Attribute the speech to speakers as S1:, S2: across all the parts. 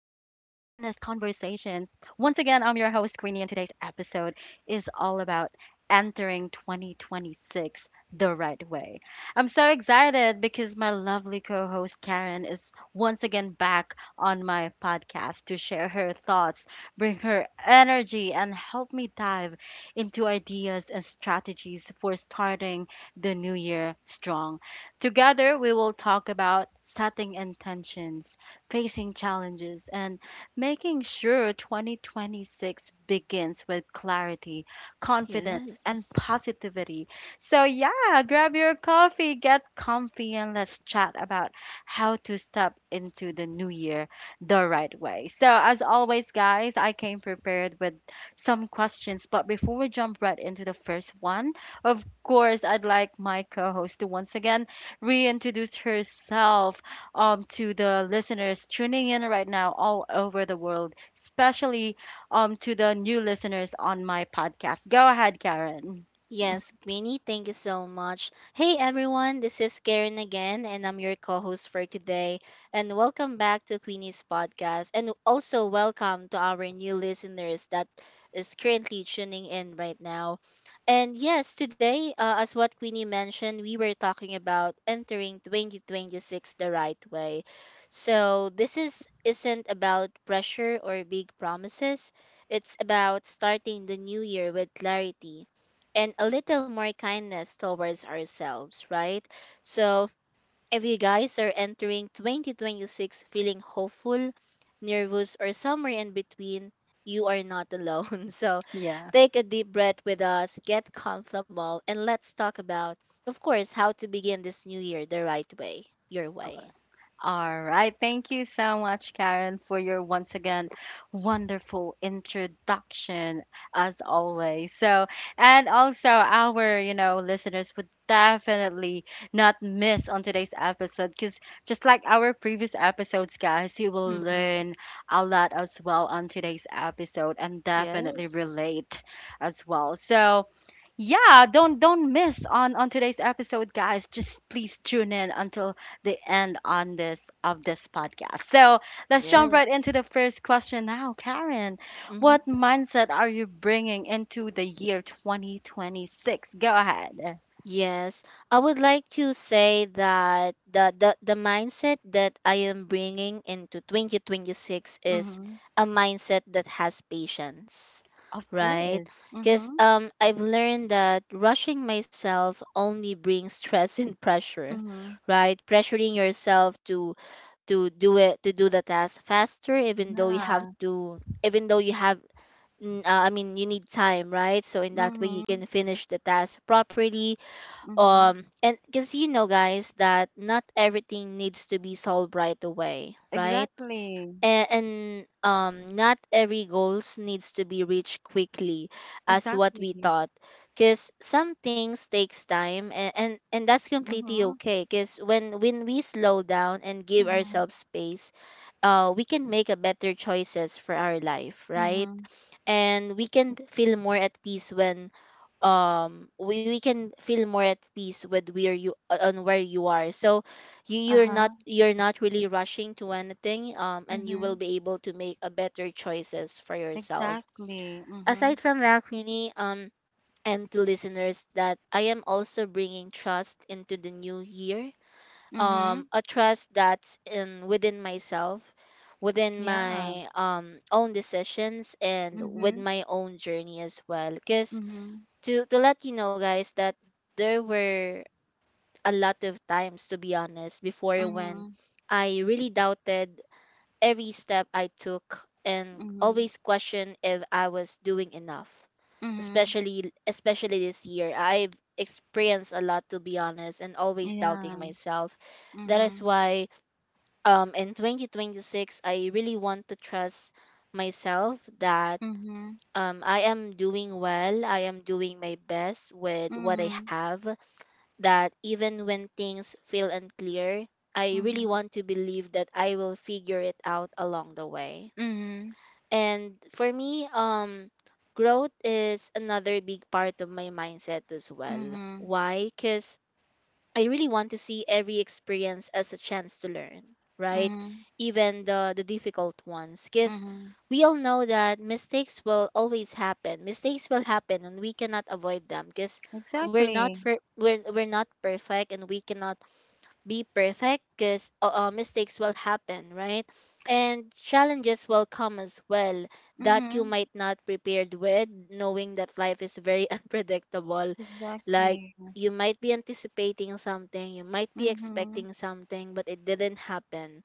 S1: conversations. Once again, I'm your host, Queenie, and today's episode is all about entering 2026 the right way. I'm so excited because my lovely co host, Karen, is once again back on my podcast to share her thoughts, bring her energy, and help me dive into ideas and strategies for starting the new year strong. Together, we will talk about setting intentions, facing challenges, and making sure 2026 begins with clarity, confidence, and
S2: Yes.
S1: positivity. So, yeah, grab your coffee, get comfy, and let's chat about how to step into the new year the right way. So, as always, guys, I came prepared with some questions. But before we jump right into the first one, of course, I'd like my co host to once again reintroduce herself to the listeners tuning in right now all over the world, especially to the new listeners on my podcast. Go ahead, Karen.
S2: Yes, Queenie, thank you so much. Hey everyone, this is Karen again, and I'm your co host for today. And welcome back to Queenie's podcast. And also, welcome to our new listeners that is currently tuning in right now. And yes, today, as what Queenie mentioned, we were talking about entering 2026 the right way. So, isn't about pressure or big promises, it's about starting the new year with clarity and a little more kindness towards ourselves, right? So, if you guys are entering 2026 feeling hopeful, nervous, or somewhere in between, you are not alone. So,
S1: Yeah.
S2: take a deep breath with us, get comfortable, and let's talk about, of course, how to begin this new year the right way, your way.
S1: All right. Thank you so much, Karen, for your once again wonderful introduction, as always. So, and also our, you know, listeners would definitely not miss on today's episode because just like our previous episodes, guys, you will
S2: Mm-hmm.
S1: learn a lot as well on today's episode and definitely
S2: Yes.
S1: relate as well. So, yeah, don't miss on today's episode, guys. Just please tune in until the end on this of this podcast. So let's jump
S2: Yeah.
S1: right into the first question now, Karen.
S2: Mm-hmm.
S1: What mindset are you bringing into the year 2026? Go ahead.
S2: Yes, I would like to say that the mindset that I am bringing into 2026 is
S1: Mm-hmm.
S2: a mindset that has patience,
S1: Of
S2: right?
S1: course.
S2: Because
S1: Mm-hmm.
S2: I've learned that rushing myself only brings stress and pressure,
S1: Mm-hmm.
S2: right? Pressuring yourself to do the task faster, even though you have
S1: Yeah.
S2: to, even though you have, I mean, you need time, right? So in that way, you
S1: Mm-hmm.
S2: can finish the task properly,
S1: Mm-hmm.
S2: and because you know guys that not everything needs to be solved right away, right?
S1: Exactly.
S2: And not every goals needs to be reached quickly as what
S1: Exactly.
S2: we thought, because some things takes time and, and that's completely
S1: Mm-hmm.
S2: okay, because when we slow down and give
S1: Mm-hmm.
S2: ourselves space, we can make a better choices for our life, right?
S1: Mm-hmm.
S2: And we can feel more at peace when, we can feel more at peace with where you, on where you are. So you
S1: Uh-huh.
S2: you're not really rushing to anything, and you
S1: Mm-hmm.
S2: will be able to make a better choices for yourself.
S1: Exactly. Mm-hmm.
S2: Aside from that, Queenie, and to listeners, that I am also bringing trust into the new year,
S1: Mm-hmm.
S2: a trust that's in within myself, within
S1: Yeah.
S2: my own decisions and with
S1: Mm-hmm.
S2: my own journey as well. Because
S1: Mm-hmm.
S2: to let you know guys that there were a lot of times, to be honest, before,
S1: Mm-hmm.
S2: when I really doubted every step I took and
S1: Mm-hmm.
S2: always questioned if I was doing enough.
S1: Mm-hmm.
S2: Especially this year, I've experienced a lot, to be honest, and always
S1: Yeah.
S2: doubting myself. That is
S1: Mhm.
S2: why, in 2026, I really want to trust myself, that
S1: Mhm.
S2: I am doing well, I am doing my best with what I
S1: Mhm.
S2: have, that even when things feel unclear, I really
S1: Mhm.
S2: want to believe that I will figure it out along the way.
S1: Mhm.
S2: And for me, growth is another big part of my mindset as well.
S1: Mhm.
S2: Why? Cuz I really want to see every experience as a chance to learn, right?
S1: Mhm.
S2: Even the difficult ones, because
S1: Mhm.
S2: we all know that mistakes will always happen. Mistakes will happen, and we cannot avoid them, because
S1: Exactly.
S2: we're not perfect, and we cannot be perfect, because mistakes will happen, right? And challenges will come as well, that you
S1: Mhm.
S2: might not prepared with, knowing that life is very unpredictable. Like,
S1: Exactly.
S2: you might be anticipating something, you might be
S1: Mhm.
S2: expecting something, but it didn't happen.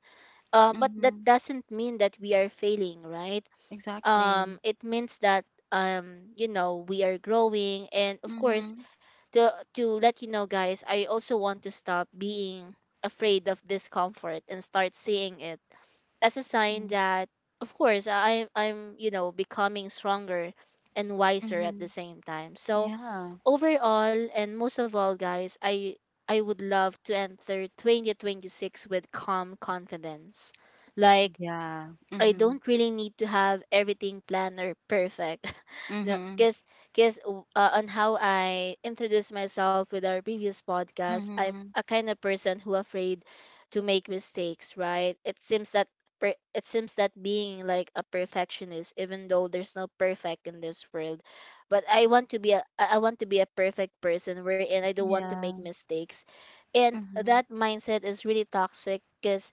S2: But that
S1: Mhm.
S2: doesn't mean that we are failing, right?
S1: Exactly.
S2: It means that, you know, we are growing. And of course,
S1: Mhm.
S2: to let you know guys, I also want to stop being afraid of discomfort and start seeing it as a sign
S1: Mhm.
S2: that, of course, I'm you know becoming stronger and wiser at the
S1: Mhm.
S2: same time. So
S1: Yeah.
S2: overall, and most of all, guys, I would love to enter 2026 with calm confidence. Like,
S1: Yeah.
S2: I
S1: Mhm.
S2: don't really need to have everything planned or perfect. No,
S1: Mhm.
S2: because, because uh, on how I introduced myself with our previous podcast, I'm
S1: Mhm.
S2: a kind of person who afraid to make mistakes, right? It seems that, it seems that being like a perfectionist, even though there's no perfect in this world, but I want to be a, I want to be a perfect person, wherein I don't want to make
S1: Yeah.
S2: mistakes, and
S1: Mhm.
S2: that mindset is really toxic. Because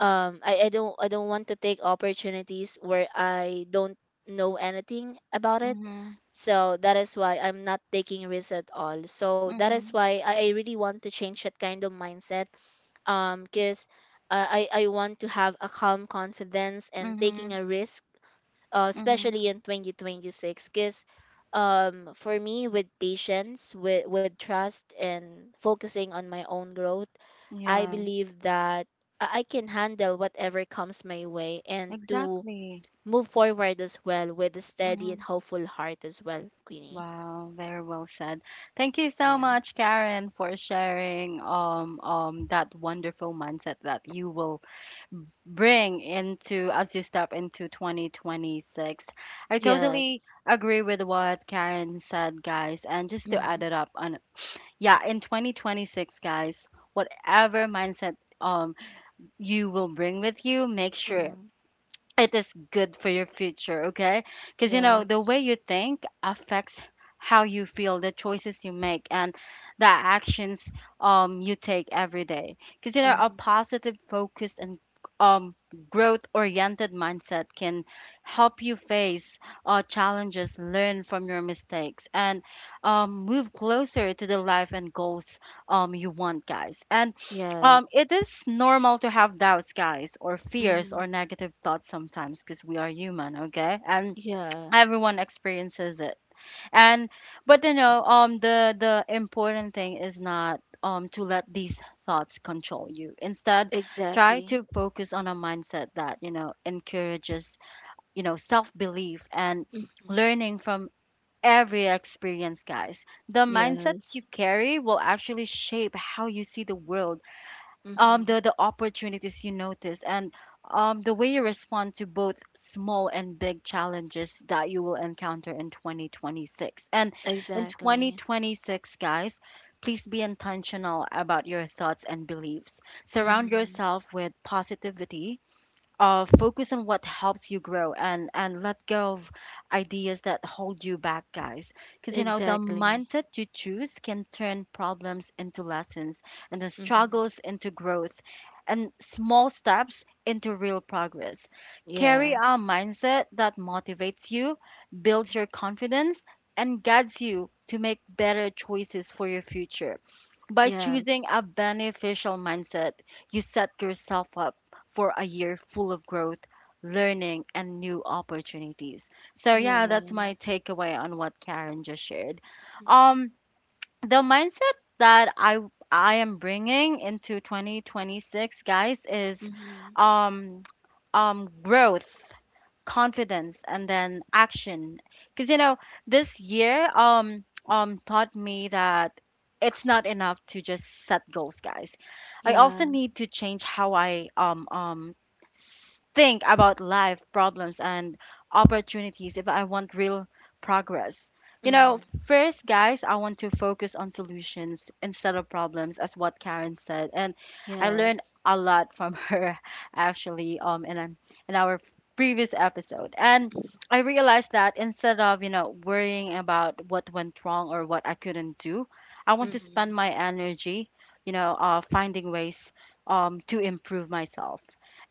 S2: I don't want to take opportunities where I don't know anything about it.
S1: Mhm.
S2: So that is why I'm not taking risks at all. So that is
S1: Mhm.
S2: why I really want to change that kind of mindset. Because I want to have a calm confidence and taking
S1: Mhm.
S2: a risk,
S1: Mhm.
S2: especially in 2026, because for me, with patience, with trust, and focusing on my own growth, I
S1: Yeah.
S2: believe that I can handle whatever comes my way, and to
S1: Exactly.
S2: move forward as well with a steady and
S1: Mhm.
S2: hopeful heart as well, Queenie.
S1: Wow, very well said. Thank you so
S2: Yeah.
S1: much, Karen, for sharing that wonderful mindset that you will bring into as you step into 2026. I
S2: Yes.
S1: totally agree with what Karen said, guys. And just to add
S2: Mm.
S1: it up on yeah, in 2026, guys, whatever mindset you will bring with you, make sure
S2: Mm.
S1: it is good for your future, okay? Because you know, the
S2: Yes.
S1: way you think affects how you feel, the choices you make, and the actions you take every day. Because you know, a
S2: Mm.
S1: positive, focused, and um growth-oriented mindset can help you face challenges, learn from your mistakes, and move closer to the life and goals you want, guys. And
S2: Yes.
S1: it is normal to have doubts, guys, or fears
S2: Mm.
S1: or negative thoughts sometimes because we are human, okay? And
S2: Yeah.
S1: everyone experiences it. And but you know, the important thing is not to let these thoughts control you. Instead, try
S2: Exactly.
S1: to focus on a mindset that, you know, encourages, you know, self-belief and
S2: Hmm.
S1: learning from every experience, guys. The mindset you
S2: Yes.
S1: carry will actually shape how you see the world um
S2: Hmm.
S1: the the opportunities you notice and the way you respond to both small and big challenges that you will encounter in 2026 and in
S2: Exactly.
S1: 2026, guys, please be intentional about your thoughts and beliefs, surround
S2: Mm-hmm.
S1: yourself with positivity. Focus on what helps you grow and let go of ideas that hold you back, guys. Because you know the
S2: Exactly.
S1: mindset you choose can turn problems into lessons and the
S2: Mm-hmm.
S1: struggles into growth and small steps into real progress. Carry
S2: Yeah.
S1: a mindset that motivates you, builds your confidence, and guides you to make better choices for your future. By
S2: Yes.
S1: choosing a beneficial mindset, you set yourself up for a year full of growth, learning, and new opportunities. So yeah,
S2: Yeah.
S1: that's my takeaway on what Karen just shared. Um, the mindset that I am bringing into 2026, guys, is
S2: Mm-hmm.
S1: um growth confidence, and then action, because you know this year taught me that it's not enough to just set goals, guys. I
S2: Yeah.
S1: also need to change how I think about life, problems, and opportunities if I want real progress, you
S2: Mm-hmm.
S1: know. First, guys, I want to focus on solutions instead of problems, as what Karen said. And I
S2: Yes.
S1: learned a lot from her actually in our previous episode. And I realized that instead of, you know, worrying about what went wrong or what I couldn't do, I want to
S2: Mm-hmm.
S1: spend my energy, you know, finding ways to improve myself.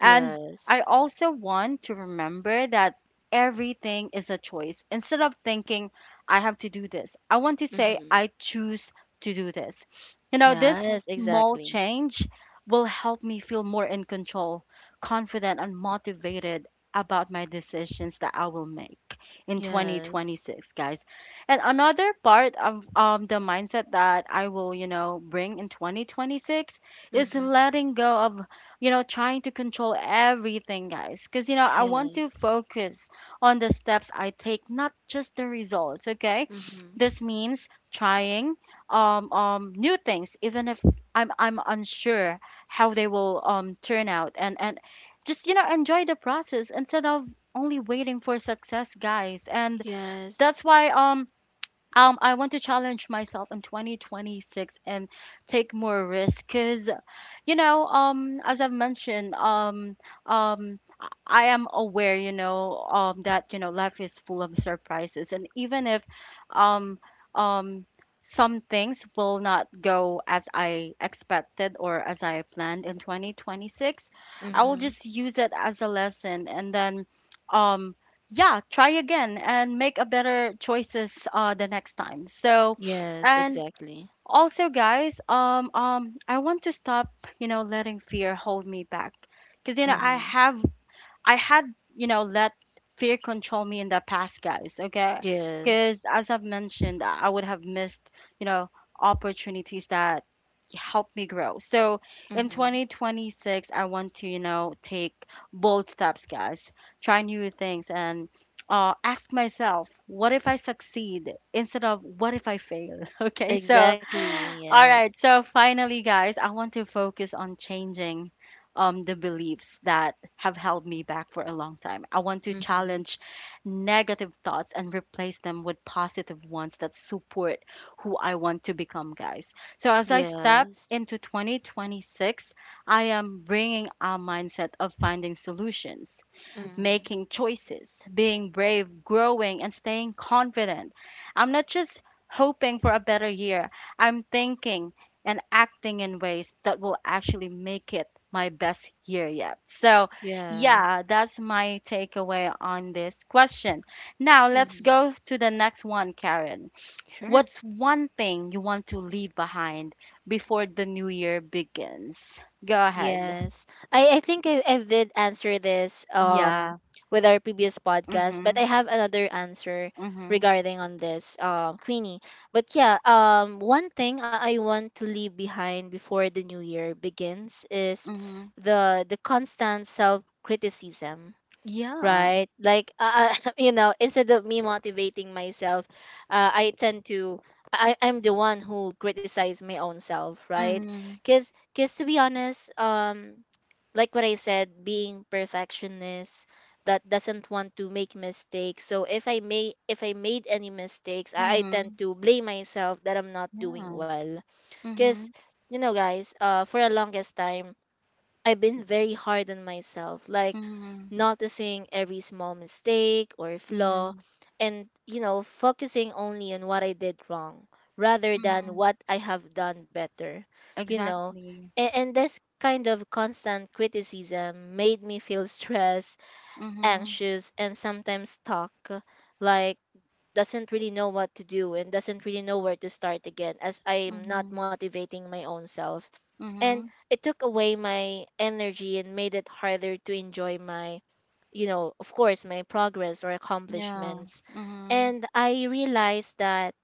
S1: And I also want to remember that everything is a choice. Instead of thinking, I have to do this, I want to say,
S2: Mm-hmm.
S1: I choose to do this. You know, this
S2: Yes.
S1: small
S2: Exactly.
S1: change will help me feel more in control, confident, and motivated about my decisions that I will make in
S2: Yes.
S1: 2026, guys. And another part of the mindset that I will, you know, bring in 2026 is
S2: Mm-hmm.
S1: letting go of, you know, trying to control everything, guys. Because, you know, I want to
S2: Yes.
S1: focus on the steps I take, not just the results, okay?
S2: Mm-hmm.
S1: This means trying new things, even if I'm unsure how they will turn out, and just, you know, enjoy the process instead of only waiting for success, guys. And that's
S2: Yes.
S1: why I want to challenge myself in 2026 and take more risks, cuz you know as I've mentioned, um I am aware, you know, that you know life is full of surprises, and even if um um some things will not go as I expected or as I planned in 2026, I will
S2: Mm-hmm.
S1: just use it as a lesson and then um yeah, try again and make a better choices the next time. So
S2: Yes.
S1: and
S2: Exactly.
S1: also, guys, I want to stop, you know, letting fear hold me back. Because, you know,
S2: Mm-hmm.
S1: I had, you know, let fear control me in the past, guys, okay?
S2: Yes.
S1: Because as I've mentioned, I would have missed, you know, opportunities that helped me grow. So in
S2: Mm-hmm.
S1: 2026, I want to, you know, take bold steps, guys, try new things, and ask myself, what if I succeed instead of what if I fail? Okay, so,
S2: Exactly.
S1: all
S2: Yes.
S1: right, so finally, guys, I want to focus on changing the beliefs that have held me back for a long time. I want to
S2: Mm-hmm.
S1: challenge negative thoughts and replace them with positive ones that support who I want to become, guys. So as I step
S2: Yes.
S1: into 2026, I am bringing a mindset of finding solutions,
S2: Mm-hmm.
S1: making choices, being brave, growing, and staying confident. I'm not just hoping for a better year, I'm thinking and acting in ways that will actually make it my best year yet. So,
S2: Yes.
S1: yeah, that's my takeaway on this question. Now, let's
S2: Mm-hmm.
S1: go to the next one, Karen.
S2: Sure.
S1: What's one thing you want to leave behind before the new year begins? Go ahead.
S2: Yes. I think I did answer this
S1: Yeah.
S2: with our previous podcast, but I
S1: Mhm.
S2: have another answer
S1: Mhm.
S2: regarding on this, Queenie. But yeah, one thing I want to leave behind before the new year begins is
S1: Mhm.
S2: the constant self criticism,
S1: Yeah.
S2: right? Like, you know, instead of me motivating myself, I tend to, I'm the one who criticize my own self, right?
S1: Mhm.
S2: Cause to be honest, like what I said, being perfectionist that doesn't want to make mistakes. So if I made any mistakes, I tend
S1: Mhm.
S2: to blame myself that I'm not doing
S1: Yeah.
S2: well. Cause
S1: Mhm.
S2: you know, guys, for the longest time, I've been very hard on myself, like
S1: Mhm.
S2: noticing every small mistake or flaw,
S1: Mhm.
S2: and, you know, focusing only on what I did wrong rather than
S1: Mhm.
S2: what I have done better, you know.
S1: Exactly.
S2: And this kind of constant criticism made me feel stressed,
S1: Mhm.
S2: anxious, and sometimes stuck, like doesn't really know what to do and doesn't really know where to start again, as I'm not
S1: Mhm.
S2: motivating my own self, and
S1: Mhm.
S2: it took away my energy and made it harder to enjoy my, you know, of course, my progress or
S1: Yeah.
S2: accomplishments.
S1: Mhm.
S2: And I realized that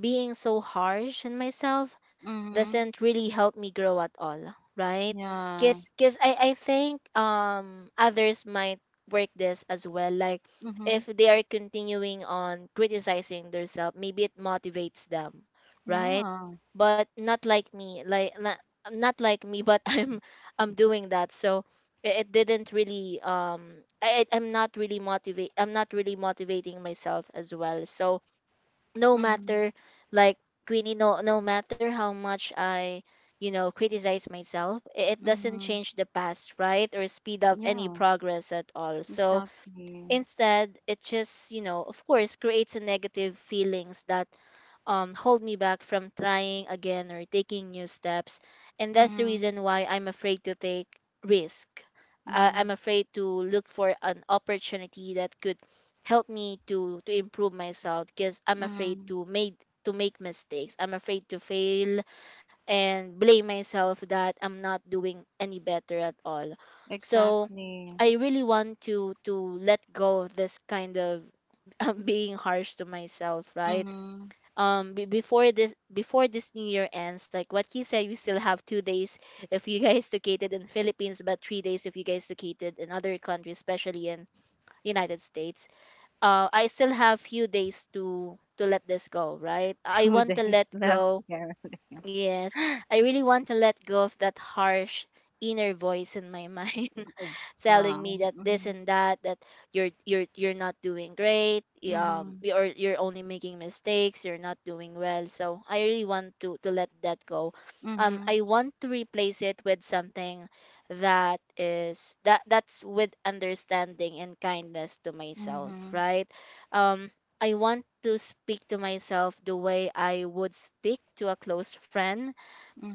S2: being so harsh on myself
S1: Mhm.
S2: doesn't really help me grow at all, right?
S1: Yeah.
S2: Cause I think others might work this as well. Like, if
S1: Mhm.
S2: they are continuing on criticizing themselves, maybe it motivates them, right?
S1: Yeah.
S2: But not like me, not like me, but I'm doing that. So it didn't really, I'm not really motivating myself as well. So no
S1: Mhm.
S2: matter, like, Queenie, no, no matter how much you know, criticize myself, it doesn't
S1: Mhm.
S2: change the past, right? Or speed up any
S1: Yeah.
S2: progress at all. So
S1: Exactly.
S2: instead, it just, you know, of course, creates a negative feelings that hold me back from trying again or taking new steps. And that's the
S1: Mhm.
S2: reason why I'm afraid to take risk.
S1: Mhm.
S2: I'm afraid to look for an opportunity that could help me to improve myself, because I'm afraid
S1: Mhm.
S2: to make mistakes. I'm afraid to fail and blame myself that I'm not doing any better at all. So
S1: Exactly.
S2: I really want to let go of this kind of being harsh to myself, right?
S1: Mhm.
S2: Be before this new year ends, like what you said, we still have 2 days if you guys located in Philippines, but 3 days if you guys located in other countries, especially in United States. I still have few days to let this go, right? I
S1: Two
S2: want to
S1: days
S2: let
S1: left,
S2: go.
S1: Karen.
S2: Yes, I really want to let go of that harsh inner voice in my mind
S1: Oh.
S2: telling me
S1: Wow.
S2: that this
S1: Mhm.
S2: and that you're not doing great,
S1: Mhm.
S2: you're only making mistakes, you're not doing well. So I really want to let that go.
S1: Mhm.
S2: I want to replace it with something that is that's with understanding and kindness to myself,
S1: Mhm.
S2: right? um I want to speak to myself the way I would speak to a close friend,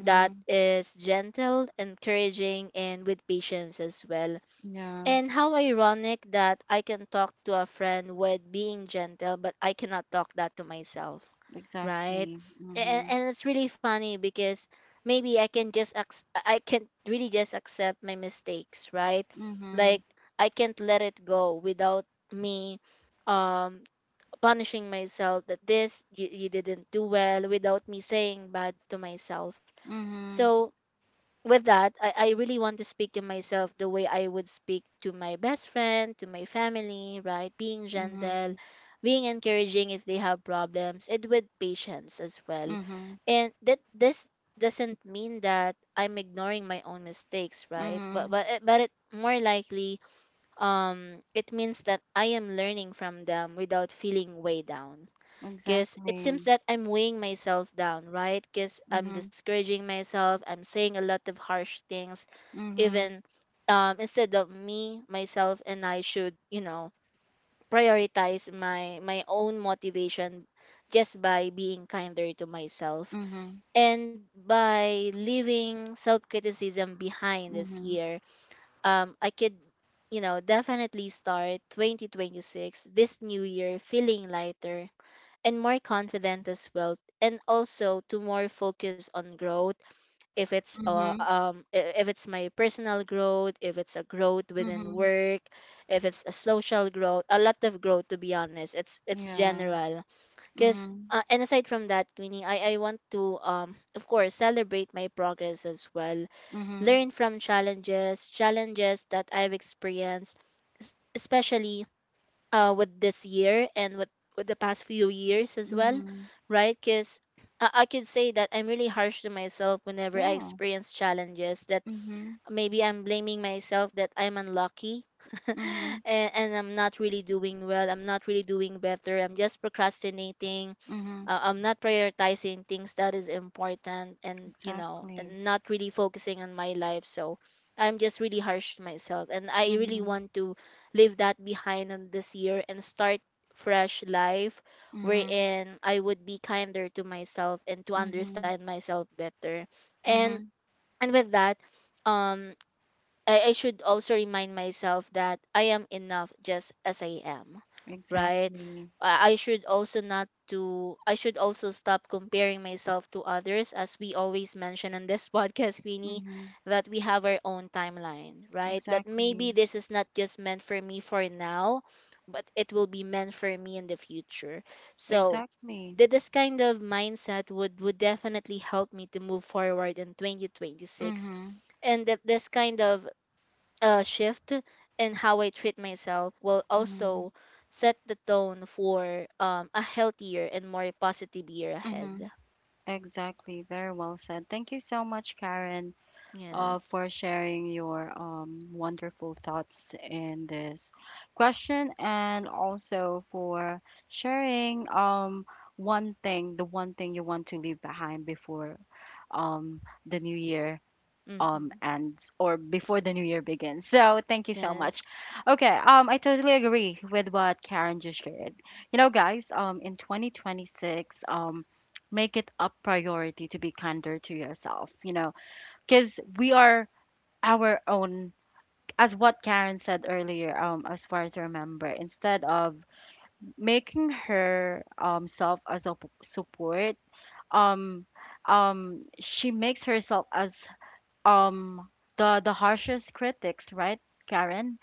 S2: that is gentle, encouraging, and with patience as well.
S1: Yeah,
S2: And how ironic that I can talk to a friend with being gentle, but I cannot talk that to myself, right?
S1: exactly. Mm-hmm.
S2: And it's really funny, because maybe I can just, I can really just accept my mistakes, right?
S1: Mm-hmm.
S2: Like, I can't let it go without me, um punishing myself that, this you, you didn't do well, without me saying bad to myself.
S1: Mm-hmm.
S2: So with that, I really want to speak to myself the way I would speak to my best friend, to my family, right? Being gentle,
S1: Mm-hmm.
S2: being encouraging if they have problems, and with patience as well.
S1: Mm-hmm.
S2: And that this doesn't mean that I'm ignoring my own mistakes, right? But
S1: Mm-hmm.
S2: but it- but it more likely it means that I am learning from them without feeling way down, because it seems
S1: Exactly.
S2: that I'm weighing myself down, right? Because I'm
S1: Mm-hmm.
S2: discouraging myself, I'm saying a lot of harsh things,
S1: Mm-hmm.
S2: even instead of me, myself, and I should, you know, prioritize my own motivation just by being kinder to myself
S1: Mm-hmm.
S2: and by leaving self-criticism behind this
S1: Mm-hmm.
S2: year. I could, you know, definitely start 2026, this new year, feeling lighter and more confident as well, and also to more focus on growth. If it's
S1: Mm-hmm.
S2: if it's my personal growth, if it's a growth within
S1: Mm-hmm.
S2: work, if it's a social growth, a lot of growth, to be honest, it's
S1: Yeah.
S2: general. Because
S1: Mm-hmm.
S2: and aside from that, Queenie, I want to of course celebrate my progress as well,
S1: Mm-hmm.
S2: learn from challenges that I've experienced, especially with this year and with the past few years as well,
S1: Mm-hmm.
S2: right? Because I could say that I'm really harsh to myself whenever I
S1: Yeah.
S2: experience challenges that
S1: Mm-hmm.
S2: maybe I'm blaming myself that I'm unlucky,
S1: Mm-hmm.
S2: and I'm not really doing well. I'm not really doing better. I'm just procrastinating.
S1: Mm-hmm.
S2: I'm not prioritizing things that is important, and you know,
S1: Exactly.
S2: and not really focusing on my life. So I'm just really harsh to myself, and I really
S1: Mm-hmm.
S2: want to leave that behind on this year and start fresh life
S1: Mm-hmm.
S2: wherein I would be kinder to myself and to
S1: Mm-hmm.
S2: understand myself better. and
S1: Mm-hmm.
S2: and with that, um I should also remind myself that I am enough just as I am, right?
S1: Exactly.
S2: I should also not to I should also stop comparing myself to others, as we always mention in this podcast, Queenie,
S1: Mm-hmm.
S2: that we have our own timeline, right? That maybe
S1: Exactly.
S2: this is not just meant for me for now, but it will be meant for me in the future. So
S1: Exactly.
S2: that this kind of mindset would definitely help me to move forward in 2026,
S1: Mm-hmm.
S2: and that this kind of shift in how I treat myself will
S1: Mm-hmm.
S2: also set the tone for a healthier and more positive year
S1: Mm-hmm.
S2: ahead.
S1: Exactly. Very well said. Thank you so much, Karen,
S2: Yes.
S1: for sharing your wonderful thoughts in this question and also for sharing one thing, the one thing you want to leave behind before the new year
S2: Mm-hmm.
S1: ends or before the new year begins. So thank you so much.
S2: Yes.
S1: Okay, I totally agree with what Karen just shared. You know, guys, in 2026, make it a priority to be kinder to yourself, you know, cuz we are our own, as what Karen said earlier, as far as I remember, instead of making her self as a support, um, she makes herself as um the harshest critics, right, Karen?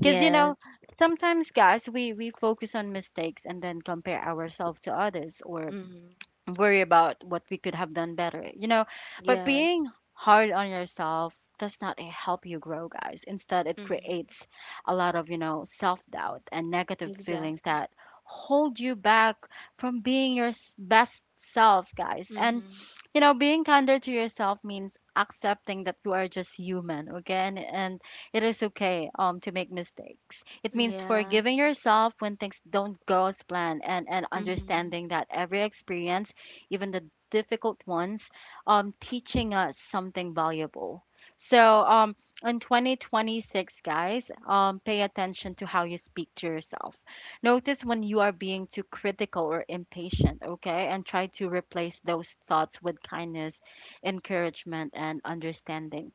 S1: Because you know sometimes, guys, we focus on mistakes and then compare ourselves to others or
S2: Mm-hmm.
S1: worry about what we could have done better, you know. But
S2: Yes.
S1: being hard on yourself does not help you grow, guys. Instead, it
S2: Mm-hmm.
S1: creates a lot of, you know, self doubt and negative feelings
S2: Exactly.
S1: that hold you back from being your best self, guys. And,
S2: Mm-hmm.
S1: you know, being kinder to yourself means accepting that you are just human, okay? And it is okay to make mistakes. It means
S2: Yeah.
S1: forgiving yourself when things don't go as planned, and
S2: Mm-hmm.
S1: understanding that every experience, even the difficult ones, teaching us something valuable. So, in 2026, guys, pay attention to how you speak to yourself. Notice when you are being too critical or impatient, okay? And try to replace those thoughts with kindness, encouragement, and understanding.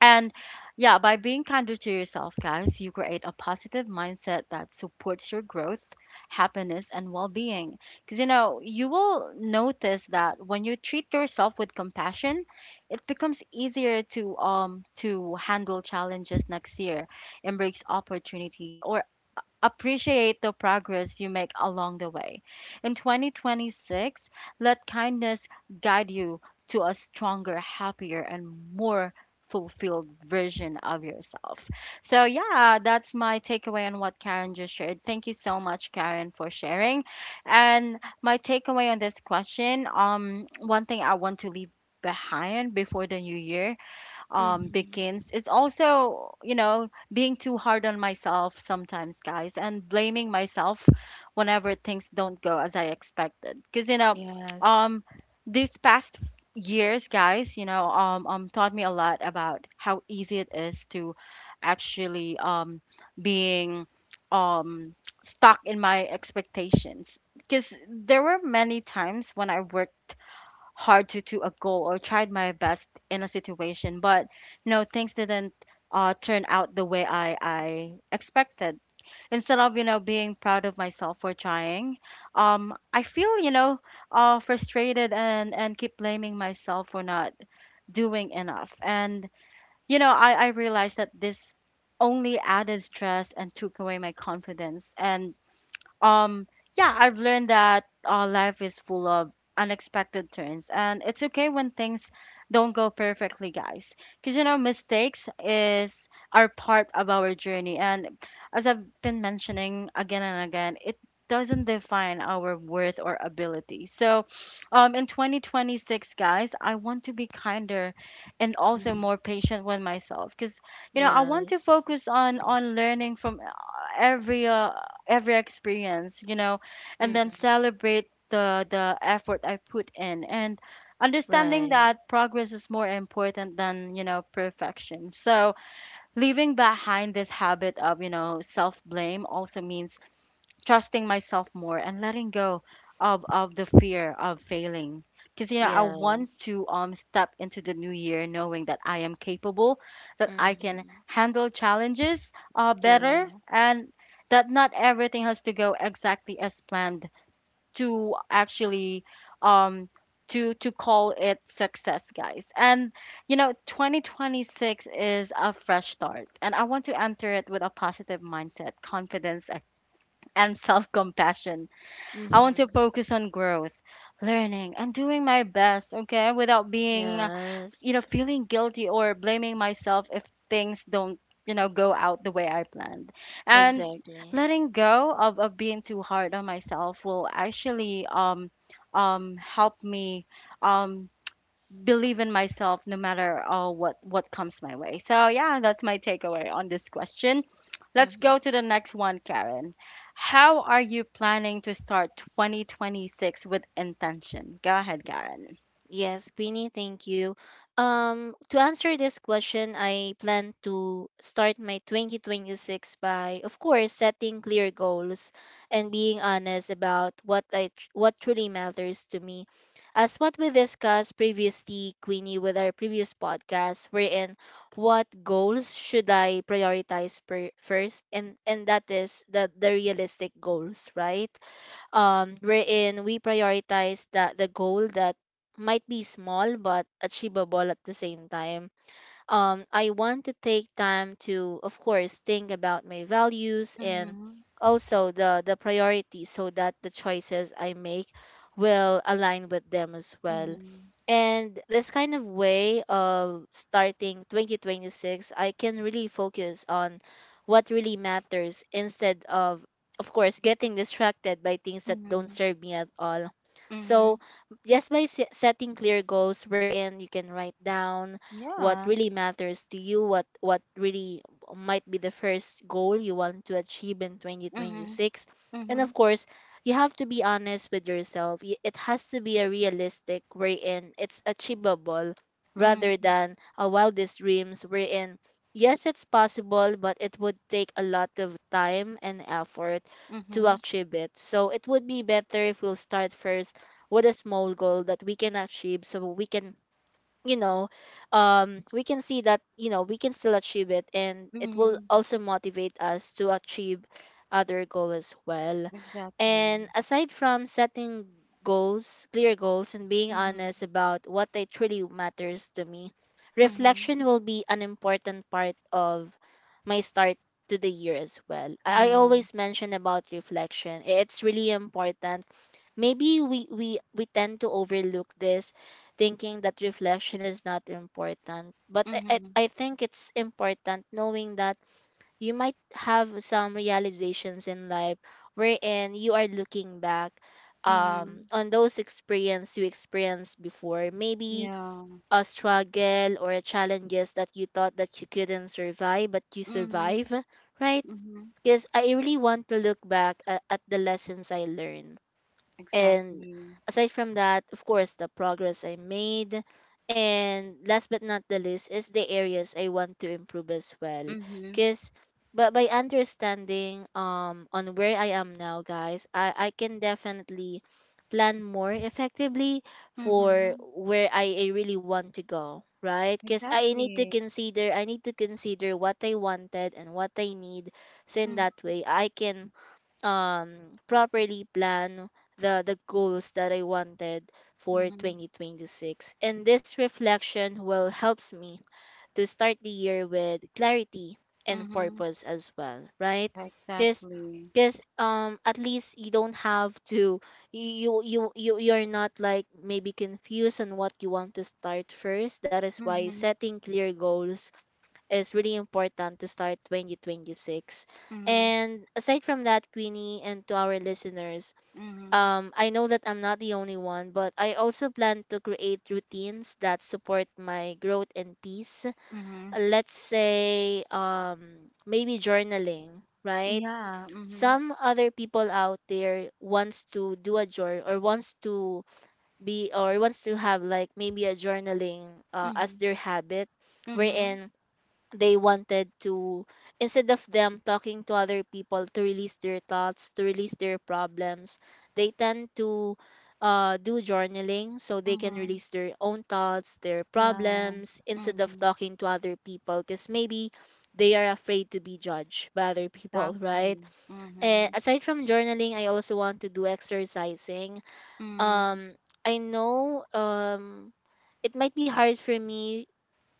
S1: And yeah, by being kinder to yourself, guys, you create a positive mindset that supports your growth, happiness, and well being. Because, you know, you will notice that when you treat yourself with compassion, it becomes easier to, to handle challenges next year, embrace opportunities, or appreciate the progress you make along the way. In 2026, let kindness guide you to a stronger, happier, and more fulfilled version of yourself. So, yeah, that's my takeaway on what Karen just shared. Thank you so much, Karen, for sharing. And my takeaway on this question one thing I want to leave behind before the new year
S2: Mm-hmm.
S1: begins is also, you know, being too hard on myself sometimes, guys, and blaming myself whenever things don't go as I expected. Because, you know,
S2: Yeah.
S1: um, these past years, guys, you know, taught me a lot about how easy it is to actually being um, stuck in my expectations. Because there were many times when I worked hard to a goal or tried my best in a situation, but you know things didn't turn out the way I expected. Instead of, you know, being proud of myself for trying, I feel, you know, frustrated, and keep blaming myself for not doing enough. And you know, I realized that this only added stress and took away my confidence. And um yeah, I've learned that life is full of unexpected turns, and it's okay when things don't go perfectly, guys, because you know mistakes is are part of our journey, and as I've been mentioning again and again, it doesn't define our worth or ability. So in 2026, guys, I want to be kinder and also
S2: Mm-hmm.
S1: more patient with myself, because you know I want to
S2: Yes.
S1: focus on learning from every uh, every experience, you know, and then
S2: Mm-hmm.
S1: celebrate the effort I put in, and understanding
S2: Right.
S1: that progress is more important than, you know, perfection. So leaving behind this habit of, you know, self blame also means trusting myself more and letting go of the fear of failing, because you know I want
S2: Yes.
S1: to step into the new year knowing that I am capable, that I can
S2: Mm-hmm.
S1: handle challenges
S2: Yeah.
S1: better, and that not everything has to go exactly as planned to actually, um to call it success, guys. And you know, 2026 is a fresh start, and I want to enter it with a positive mindset, confidence, and self compassion. I want to
S2: Mm-hmm.
S1: focus on growth, learning, and doing my best, okay, without being,
S2: Yes.
S1: you know, feeling guilty or blaming myself if things don't, you know, go out the way I planned. And
S2: Exactly.
S1: letting go of being too hard on myself will actually help me um, believe in myself no matter what comes my way. So yeah, that's my takeaway on this question. Let's
S2: Mm-hmm.
S1: go to the next one, Karen. How are you planning to start 2026 with intention? Go ahead, Karen.
S2: Yes, Queenie, thank you. To answer this question, I plan to start my 2026 by, of course, setting clear goals and being honest about what truly matters to me. As what we discussed previously, Queenie, with our previous podcast, wherein what goals should I prioritize per, first, and that is the realistic goals, right? Wherein we prioritize that the goal that might be small but achievable at the same time. I want to take time to, of course, think about my values and
S1: Mhm.
S2: also the priorities, so that the choices I make will align with them as well.
S1: Mhm.
S2: And this kind of way of starting 2026, I can really focus on what really matters instead of course, getting distracted by things that don't
S1: Mhm.
S2: serve me at all.
S1: Mhm.
S2: So, just by setting clear goals, wherein you can write down what
S1: Yeah.
S2: really matters to you, what really might be the first goal you want to achieve in
S1: Mhm.
S2: 2026. And
S1: Mhm.
S2: of course, you have to be honest with yourself. It has to be a realistic wherein it's achievable, rather
S1: Mm.
S2: than a wildest dreams wherein yes, it's possible, but it would take a lot of time and effort to
S1: Mhm.
S2: achieve it. So it would be better if we'll start first with a small goal that we can achieve, so we can, you know, we can see that, you know, we can still achieve it, and it will
S1: Mhm.
S2: also motivate us to achieve other goal as well. And
S1: Exactly.
S2: aside from setting goals clear goals and being
S1: Mhm.
S2: honest about what they truly matters to me,
S1: Mhm.
S2: reflection will be an important part of my start to the year as well. I
S1: Yeah.
S2: always mention about reflection, it's really important. Maybe we tend to overlook this, thinking that reflection is not important, but I,
S1: Mhm.
S2: I i think it's important, knowing that you might have some realizations in life wherein you are looking back
S1: Mhm.
S2: on those experience you experienced before, maybe
S1: Yeah.
S2: a struggle or a challenges that you thought that you couldn't survive, but you
S1: Mhm.
S2: survive, right?
S1: Mhm.
S2: Because I really want to look back at the lessons I learned, and
S1: Exactly.
S2: aside from that, of course, the progress I made. And last but not the least is the areas I want to improve as well.
S1: Mhm.
S2: Cause but by understanding on where I am now, guys, I can definitely plan more effectively for
S1: Mhm.
S2: where I really want to go, right? Because
S1: Exactly.
S2: I need to consider what I wanted and what I need. So in
S1: Mhm.
S2: that way I can properly plan the goals that I wanted for
S1: Mhm.
S2: 2026, and this reflection will helps me to start the year with clarity and
S1: Mhm.
S2: purpose as well, right? Because
S1: Exactly.
S2: at least you don't have to, you're not like maybe confused on what you want to start first, that is why
S1: Mhm.
S2: setting clear goals is really important to start 2026.
S1: Mhm.
S2: And aside from that, Queenie, and to our listeners,
S1: Mhm.
S2: I know that I'm not the only one, but I also plan to create routines that support my growth and peace.
S1: Mhm.
S2: Let's say, maybe journaling, right?
S1: Yeah. Mhm.
S2: Some other people out there wants to do a journal, or wants to be, or wants to have like maybe a journaling as
S1: Mhm.
S2: their habit,
S1: Mhm.
S2: wherein they wanted to, instead of them talking to other people to release their thoughts, to release their problems, they tend to do journaling, so they can
S1: Mhm.
S2: release their own thoughts, their
S1: Yeah.
S2: problems, instead of
S1: Mm.
S2: talking to other people, because maybe they are afraid to be judged by other people. Right.
S1: Exactly.
S2: And
S1: Mhm.
S2: aside from journaling, I also want to do exercising.
S1: Mm.
S2: Um i know um it might be hard for me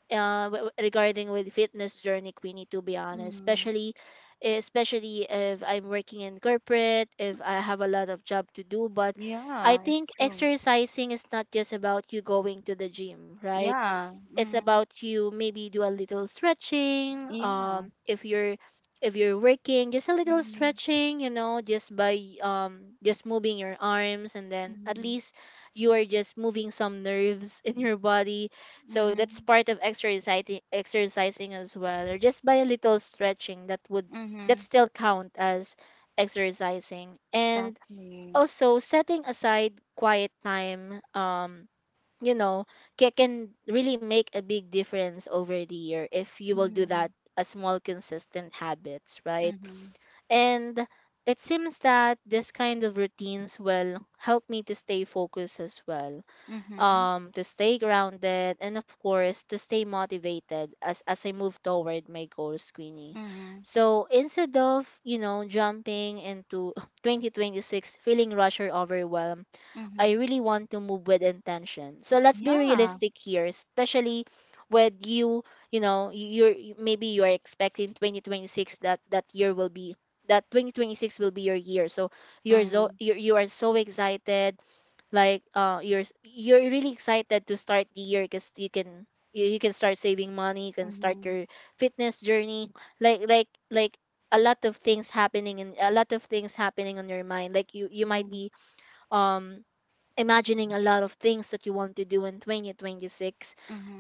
S2: regarding with fitness journey, Queenie, to be honest,
S1: Mhm.
S2: especially especially if I'm working in corporate, if I have a lot of job to do. But I
S1: Yeah,
S2: think
S1: it's true.
S2: exercising is not just about you going to the gym, right?
S1: Yeah.
S2: It's
S1: Mm.
S2: about you maybe do a little stretching.
S1: Yeah.
S2: If you're if you're working, just a little
S1: Mhm.
S2: stretching, you know, just by just moving your arms, and then at
S1: Mhm.
S2: least you are just moving some nerves in your body. So that's
S1: Mhm.
S2: part of exercising as well, or just by a little stretching, that would that
S1: Mhm.
S2: still count as exercising. And
S1: Exactly.
S2: also setting aside quiet time, you know, can really make a big difference over the year if you will do
S1: Mhm.
S2: that, a small consistent habits, right?
S1: Mhm.
S2: And it seems that this kind of routines will help me to stay focused as well,
S1: Mhm.
S2: to stay grounded, and of course to stay motivated as I move toward my goals, Queenie.
S1: Mhm.
S2: So instead of, you know, jumping into 2026 feeling rushed or overwhelmed, I
S1: Mhm.
S2: really want to move with intention. So let's be
S1: Yeah.
S2: realistic here, especially with you, you know, maybe you're expecting 2026 that that year will be that 2026 will be your year. So
S1: Mhm.
S2: you are so excited, like you're really excited to start the year because you, you can start saving money, you can start
S1: Mhm.
S2: your fitness journey, like a lot of things happening, and a lot of things happening on your mind, like you might
S1: Mhm.
S2: be um imagining a lot of things that you want to do in 2026.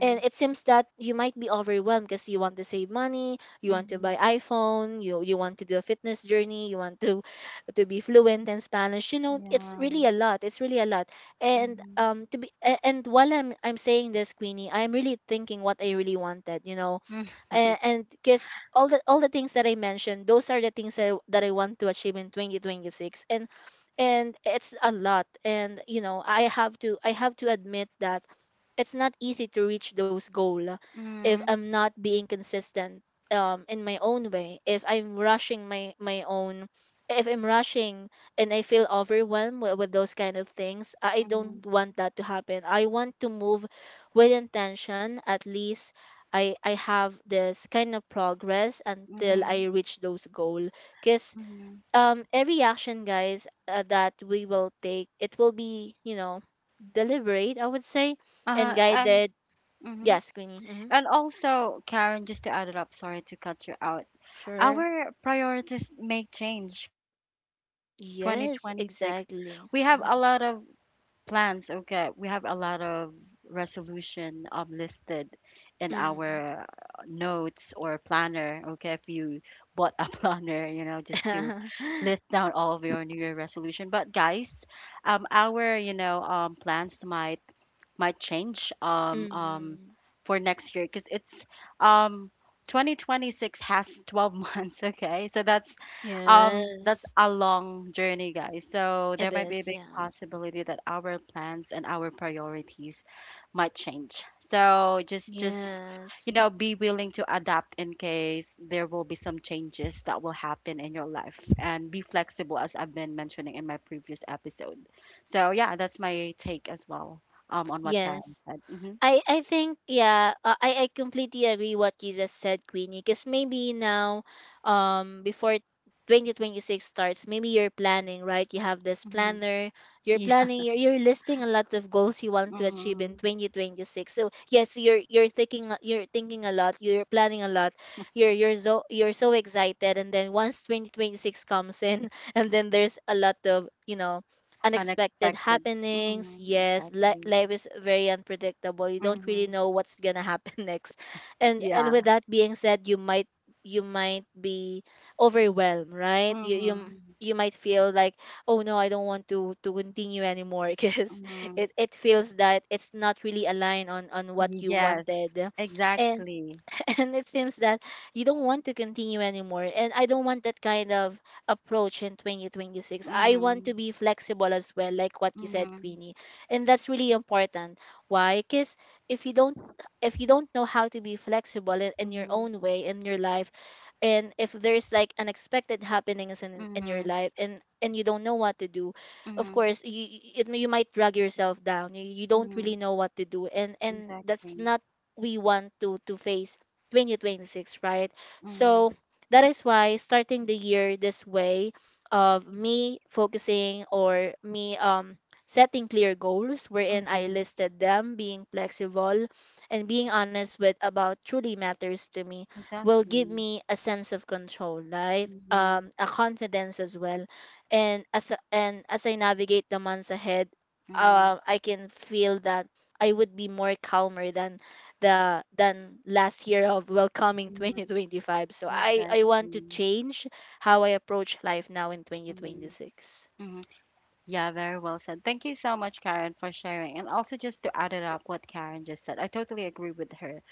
S2: And it seems that you might be overwhelmed, because you want to save money, you want to buy
S1: Mhm.
S2: iphone, you want to do a fitness journey, you want to be fluent in spanish, you know, it's
S1: Yeah.
S2: really a lot, it's really a lot. And
S1: Mhm.
S2: to and while I'm saying this, Queenie, I'm really thinking what I really wanted, you know.
S1: Mhm.
S2: And guess all the things that I mentioned, those are the things that, that I want to achieve in 2026. And it's a lot. And you know, I have to admit that it's not easy to reach those goals if
S1: Mhm.
S2: I'm not being consistent in my own way. If I'm rushing my my own If I'm rushing and I feel overwhelmed with those kind of things, I
S1: Mhm.
S2: don't want that to happen. I want to move with intention at least. I have this kind of progress until I
S1: Mhm.
S2: reach those goal. Cause
S1: Mhm.
S2: every action, guys, that we will take, it will be deliberate, I would say, and
S1: And
S2: guided.
S1: mhm.
S2: Yes, Queenie. Mm-hmm.
S1: And also, Karen, just to add it up, sorry to cut you out.
S2: Sure.
S1: Our priorities may change, Karen, in
S2: Yes,
S1: 2026.
S2: exactly.
S1: We have
S2: Hmm.
S1: a lot of plans, okay. We have a lot of resolution listed in
S2: Mm-hmm.
S1: our notes or planner, okay. If you bought a planner, you know, just to list down all of your New Year resolution. But guys, our, you know, plans might change for next year, because it's um, 2026 has 12 months. Okay, so that's
S2: Yes.
S1: a long journey, guys. So there
S2: It is.
S1: might be a big possibility that our plans and our priorities might change. So just
S2: Yeah.
S1: just
S2: Yes.
S1: you know, be willing to adapt in case there will be some changes that will happen in your life, and be flexible as I've been mentioning in my previous episode. So yeah, that's my take as well. On what Karen
S2: Yes.
S1: said. Mhm,
S2: I think yeah, I completely agree what you just said, Queenie. Because maybe now, before 2026 starts, maybe you're planning, right? You have this
S1: mhm.
S2: planner. You're
S1: Yeah.
S2: planning. You're listing a lot of goals you want to achieve in
S1: Mhm.
S2: 2026. So yes, you're thinking you're thinking a lot. You're planning a lot. You're so you're so excited. And then once 2026 comes in, and then there's a lot of unexpected
S1: Unexpected.
S2: happenings.
S1: Mhm,
S2: Yes,
S1: exactly.
S2: life is very unpredictable. You don't really
S1: Mhm.
S2: know what's gonna happen next, and
S1: Yeah.
S2: with that being said, you might be overwhelmed, right? You
S1: Mhm.
S2: you might feel like, oh no, I don't want to continue anymore because
S1: Mhm.
S2: it feels that it's not really aligned on what you
S1: Yes,
S2: wanted, and
S1: exactly.
S2: and it seems that you don't want to continue anymore, and I don't want that kind of approach in 2026. I want to
S1: Mhm.
S2: be flexible as well, like what you said,
S1: Mhm.
S2: Queenie. And that's really important. Why? Because if you don't, if you don't know how to be flexible in your
S1: Mhm.
S2: own way in your life, and if there's like unexpected happenings in your
S1: Mhm.
S2: life, and you don't know what to do, of
S1: Mhm.
S2: course it, you might drag yourself down. You don't
S1: Mhm.
S2: really know what to do, and that's
S1: Exactly.
S2: not we want to face 2026, right?
S1: Mhm.
S2: So that is why starting the year this way of me focusing, or me setting clear goals wherein I
S1: Mhm.
S2: listed them, being flexible, and being honest with about truly matters to me will give
S1: Exactly.
S2: me a sense of control, right?
S1: Mhm.
S2: A confidence as well. And as I navigate the months ahead,
S1: Mhm.
S2: I can feel that I would be more calmer than the than last year of welcoming
S1: Mhm.
S2: 2025. So I want to
S1: Exactly.
S2: change how I approach life now in
S1: Mhm.
S2: 2026.
S1: Mhm. Yeah, very well said. Thank you so much, Karen, for sharing. And also, just to add it up what Karen just said, I totally agree with her.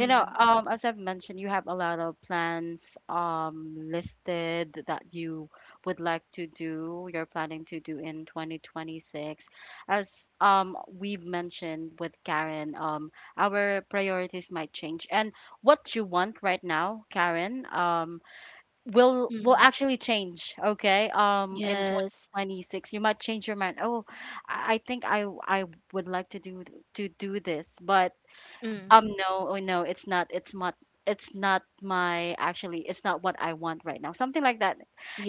S1: You know, as I've mentioned, you have a lot of plans listed that you would like to do, you're planning to do in 2026. As we've mentioned with Karen, our priorities might change. And what you want right now, Karen, will
S2: Mm-hmm.
S1: actually change, okay, in
S2: Yes.
S1: 2026 you might change your mind. Oh, I think I would like to do this, but
S2: Mm-hmm.
S1: no. Oh no, it's not my, actually it's not what I want right now, something like that.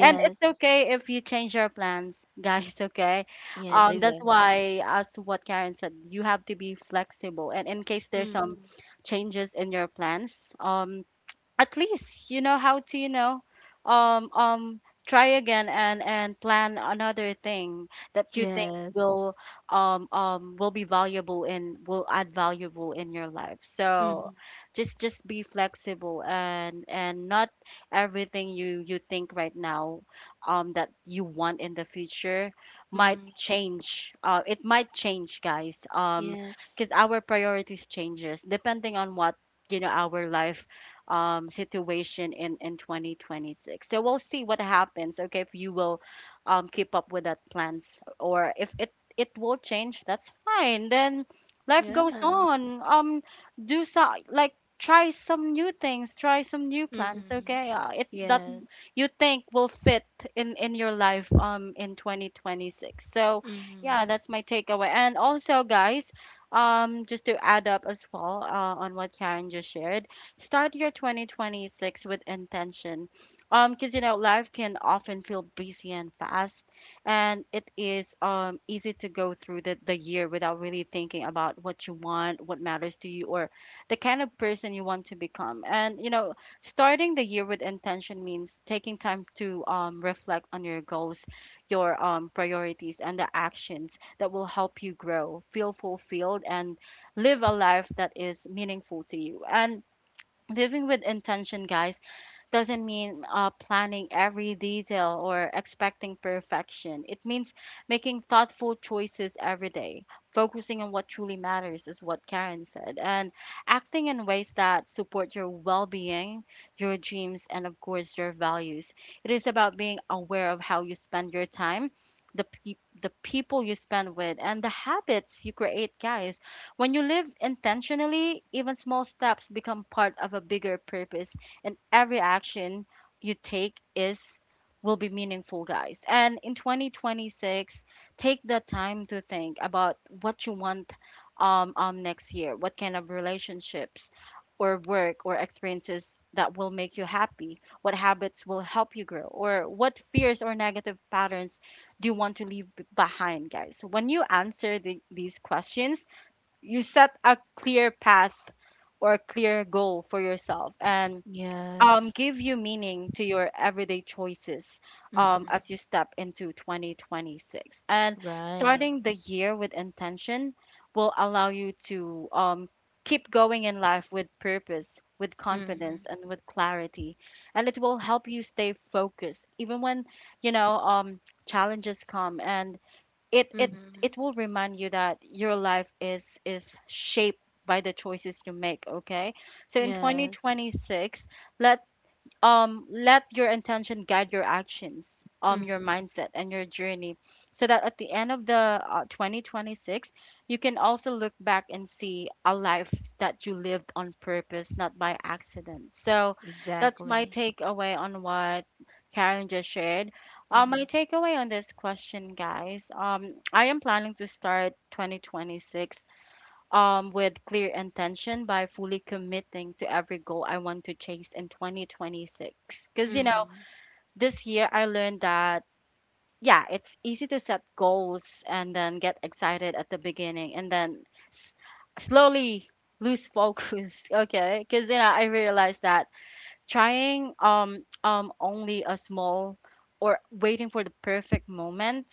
S1: And it's okay if you change your plans guys, okay.
S2: Yes.
S1: That's
S2: Exactly.
S1: why as what Karen said, you have to be flexible, and in case there's some
S2: Mm-hmm.
S1: changes in your plans, at least you know how to, you know, um um try again and plan another thing that you think
S2: Yes.
S1: will be valuable and will add valuable in your life. So
S2: Mm-hmm.
S1: just be flexible, and not everything you think right now that you want in the future might
S2: Mm-hmm.
S1: change. It might change, guys,
S2: Yes.
S1: because our priorities changes depending on what, you know, our life situation in 2026. So we'll see what happens. Okay, if you will keep up with that plans, or if it will change, that's fine. Then life
S2: Yeah.
S1: goes on. Do so, like try some new things, try some new plans.
S2: Mm-hmm.
S1: Okay, it that
S2: Yes.
S1: you think will fit in your life in 2026. So yeah,
S2: Mm-hmm.
S1: that's my takeaway. And also, guys, just to add up as well on what Karen just shared, start your 2026 with intention. Because you know, life can often feel busy and fast, and it is easy to go through the year without really thinking about what you want, what matters to you, or the kind of person you want to become. And you know, starting the year with intention means taking time to reflect on your goals, your priorities, and the actions that will help you grow, feel fulfilled, and live a life that is meaningful to you. And living with intention, guys, doesn't mean planning every detail or expecting perfection. It means making thoughtful choices every day, focusing on what truly matters, is what Karen said, and acting in ways that support your well being, your dreams, and of course, your values. It is about being aware of how you spend your time. The people you spend with, and the habits you create, guys. When you live intentionally, even small steps become part of a bigger purpose, and every action you take is will be meaningful, guys. And in 2026, take the time to think about what you want next year, what kind of relationships or work or experiences that will make you happy, what habits will help you grow, or what fears or negative patterns do you want to leave b- behind, guys. When you answer these questions, you set a clear path or a clear goal for yourself, and
S2: Yes.
S1: give you meaning to your everyday choices
S2: Mm-hmm.
S1: as you step into 2026. And
S2: Right.
S1: starting the year with intention will allow you to, keep going in life with purpose, with confidence,
S2: Mm-hmm.
S1: and with clarity. And it will help you stay focused even when, you know, challenges come. And it
S2: Mm-hmm.
S1: will remind you that your life is shaped by the choices you make, okay? So in
S2: Yes.
S1: 2026, let your intention guide your actions,
S2: Mm-hmm.
S1: your mindset, and your journey, so that at the end of the 2026 you can also look back and see a life that you lived on purpose, not by accident. So that's my
S2: Exactly.
S1: takeaway on what Karen just shared. My takeaway on this question, guys, I am planning to start 2026 with clear intention by fully committing to every goal I want to chase in 2026. Because, you know,
S2: Mm-hmm.
S1: this year I learned that, yeah, it's easy to set goals and then get excited at the beginning and then s- slowly lose focus. Okay. Because, you know, I realized that trying only a small or waiting for the perfect moment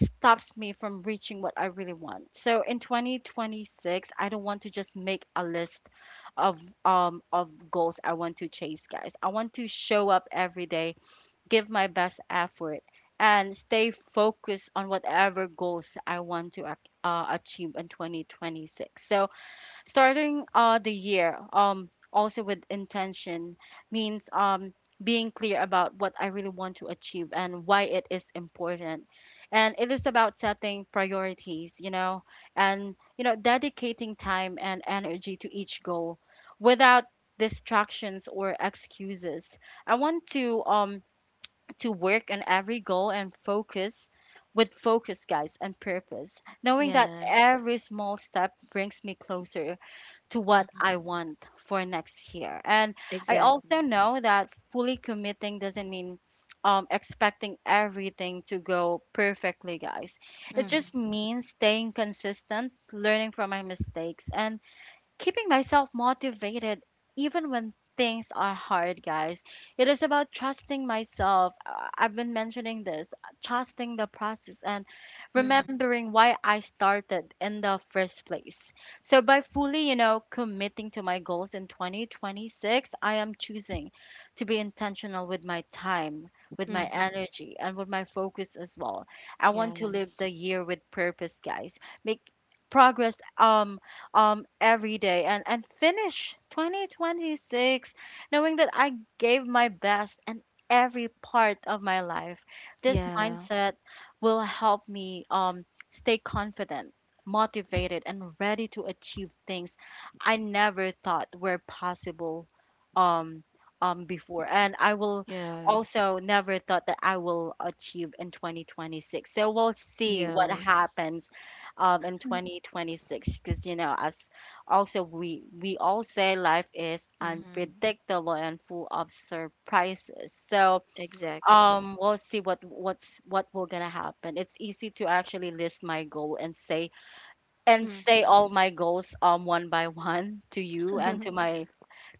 S1: stops me from reaching what I really want. So in 2026, I don't want to just make a list of of goals I want to chase, guys. I want to show up every day, give my best effort, and stay focused on whatever goals I want to achieve in 2026. So starting the year, also with intention, means being clear about what I really want to achieve and why it is important. And it is about setting priorities, you know, and, you know, dedicating time and energy to each goal without distractions or excuses. I want to work on every goal and focus, guys, and purpose, knowing that
S2: Yes.
S1: every small step brings me closer to what
S2: Mm-hmm.
S1: I want for next year. And I also
S2: Exactly.
S1: know that fully committing doesn't mean, expecting everything to go perfectly, guys. It
S2: Mm-hmm.
S1: just means staying consistent, learning from my mistakes, and keeping myself motivated even when things are hard, guys. It is about trusting myself. I've been mentioning this, trusting the process and
S2: Mm-hmm.
S1: remembering why I started in the first place. So by fully, you know, committing to my goals in 2026, I am choosing to be intentional with my time, with my
S2: Mm-hmm.
S1: energy, and with my focus as well. I want to live the
S2: Yes.
S1: year with purpose, guys, make progress every day, and finish 2026 knowing that I gave my best in every part of my life. This
S2: Yeah.
S1: mindset will help me, stay confident, motivated, and ready to achieve things I never thought were possible um, before. And I will
S2: Yes.
S1: also never thought that I will achieve in 2026. So we'll see what
S2: Yes.
S1: happens in 2026, because, you know, as also we all say, life is
S2: Mm-hmm.
S1: unpredictable and full of surprises. So
S2: Exactly.
S1: we'll see what will gonna happen. It's easy to actually list my goal and say
S2: Mm-hmm.
S1: all my goals, one by one, to you and to my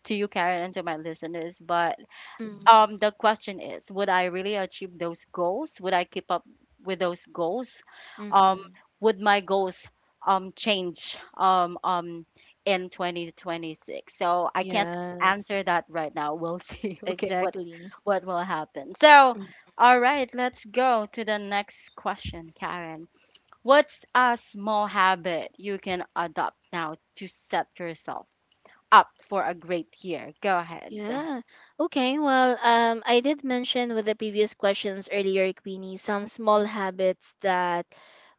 S1: to you, Karen, and to my listeners. But the question is, would I really achieve those goals? Would I keep up with those goals? um
S2: Mm-hmm.
S1: would my goals change in 2026? So I can't answer
S2: Yes.
S1: that right now. We'll see. Okay,
S2: Exactly.
S1: what will happen. So, all right, let's go to the next question, Karen. What's a small habit you can adopt now to set yourself up for a great year? Go ahead.
S2: Yeah. Okay. Well, I did mention with the previous questions earlier, Queenie, some small habits that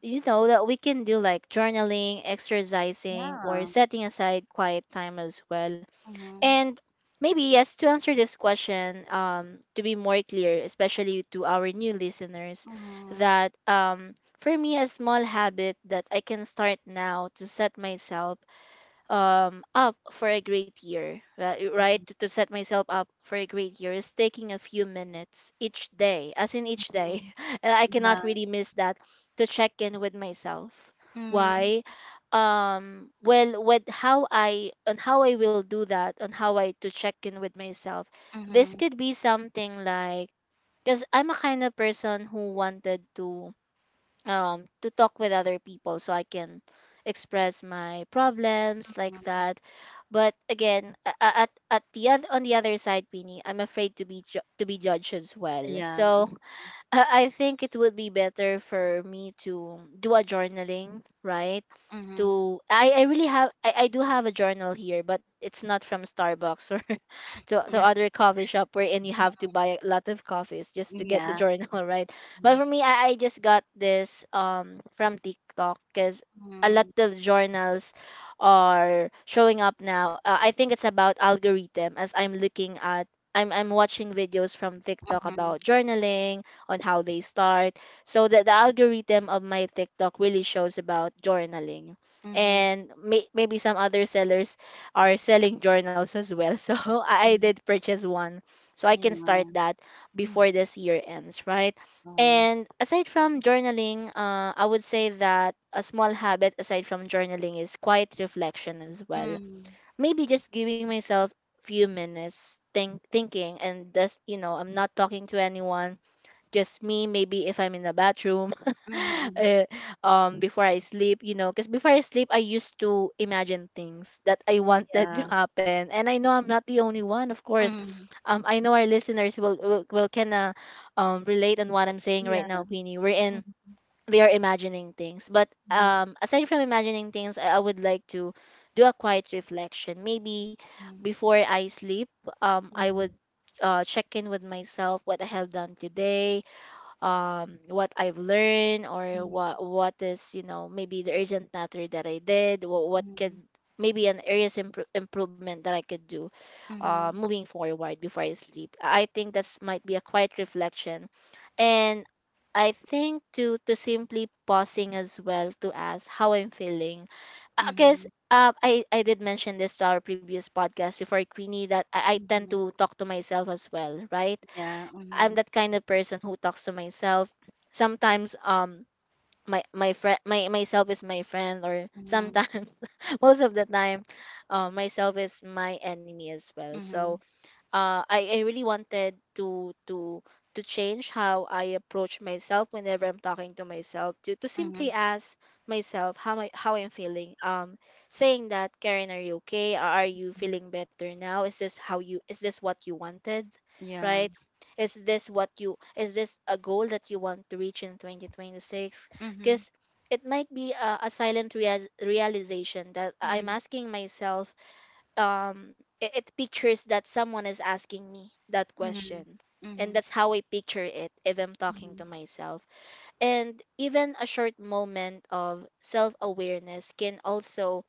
S2: you know that we can do, like journaling, exercising, or
S1: Yeah.
S2: setting aside quiet time as well.
S1: Mhm.
S2: And maybe yes, to answer this question, to be more clear, especially to our new listeners,
S1: Mhm.
S2: that for me, a small habit that I can start now to set myself up for a great year right,
S1: Mhm.
S2: to set myself up for a great year is taking a few minutes each day, as in each day,
S1: Mhm.
S2: and I cannot
S1: Yeah.
S2: really miss that to check in with myself.
S1: Mhm.
S2: Why? Well, with how I will do that, on how I to check in with myself, this
S1: Mhm.
S2: could be something like, because I'm a kind of person who wanted to talk with other people so I can express my problems like
S1: Mhm.
S2: that. But again, at the on the other side, Queenie, I'm afraid to be to be judged as well.
S1: Yeah.
S2: So I think it would be better for me to do a journaling, right?
S1: Mhm.
S2: To I really have I do have a journal here, but it's not from Starbucks or to
S1: Yeah.
S2: other coffee shop wherein you have to buy a lot of coffees just to get the
S1: Yeah.
S2: journal, right? But for me, I just got this from TikTok because a lot
S1: Mhm.
S2: of journals are showing up now. I think it's about algorithm. As I'm looking at I'm watching videos from TikTok
S1: Mhm.
S2: about journaling on how they start, so that the algorithm of my TikTok really shows about journaling.
S1: Mhm.
S2: And maybe some other sellers are selling journals as well. So I
S1: Mhm. Mhm.
S2: did purchase one, so I can
S1: Yeah.
S2: start that
S1: Mm.
S2: before this year ends, right?
S1: Wow.
S2: And aside from journaling, I would say that a small habit aside from journaling is quiet reflection as well.
S1: Mm.
S2: Maybe just giving myself few minutes thinking, and just you know, I'm not talking to anyone, just me, maybe if I'm in the bathroom,
S1: Mhm.
S2: uh, um, before I sleep, you know, because before I sleep, I used to imagine things that I wanted to
S1: Yeah.
S2: happen, and I know I'm not the only one, of course.
S1: Mhm.
S2: Um, I know our listeners will will kind of relate on what I'm saying right
S1: Yeah.
S2: now, Queenie, we're in
S1: Mhm.
S2: they are imagining things. But
S1: Mhm.
S2: um, aside from imagining things, I would like to do a quiet reflection maybe before I sleep. Um, I would
S1: Mhm.
S2: check in with myself what I have done today, um, what I've learned, or
S1: Mhm.
S2: what is, you know, maybe the urgent matter that I did, what could
S1: Mhm.
S2: maybe an areas improvement that I could do,
S1: Mhm.
S2: moving forward before I sleep. I think that's might be a quiet reflection, and I think to simply pausing as well, to ask how I'm feeling, because
S1: Mhm.
S2: um, I did mention this to our previous podcast before, Queenie, that I
S1: Mhm.
S2: tend
S1: Mhm.
S2: to talk to myself as well, right?
S1: Yeah.
S2: I'm
S1: Mhm.
S2: that kind of person who talks to myself. Sometimes um, my friend my myself is my friend, or
S1: Mhm.
S2: sometimes most of the time, myself is my enemy as well. So I really wanted to to change how I approach myself whenever I'm talking to myself, to
S1: Mhm.
S2: simply
S1: Mhm.
S2: ask myself how I how I'm feeling. Saying that, Karen, are you okay? Are you
S1: Mhm.
S2: feeling better now? Is this how you is this what you wanted,
S1: Yeah.
S2: right? Is this what you is this a goal that you want to reach in 2026?
S1: Mhm.
S2: Because it might be a silent reas realization that I'm
S1: Mhm.
S2: asking myself, um, it pictures that someone is asking me that
S1: Mhm.
S2: question, and
S1: Mhm.
S2: that's how I picture it if I'm talking
S1: Mhm.
S2: to myself. And even a short moment of self-awareness can also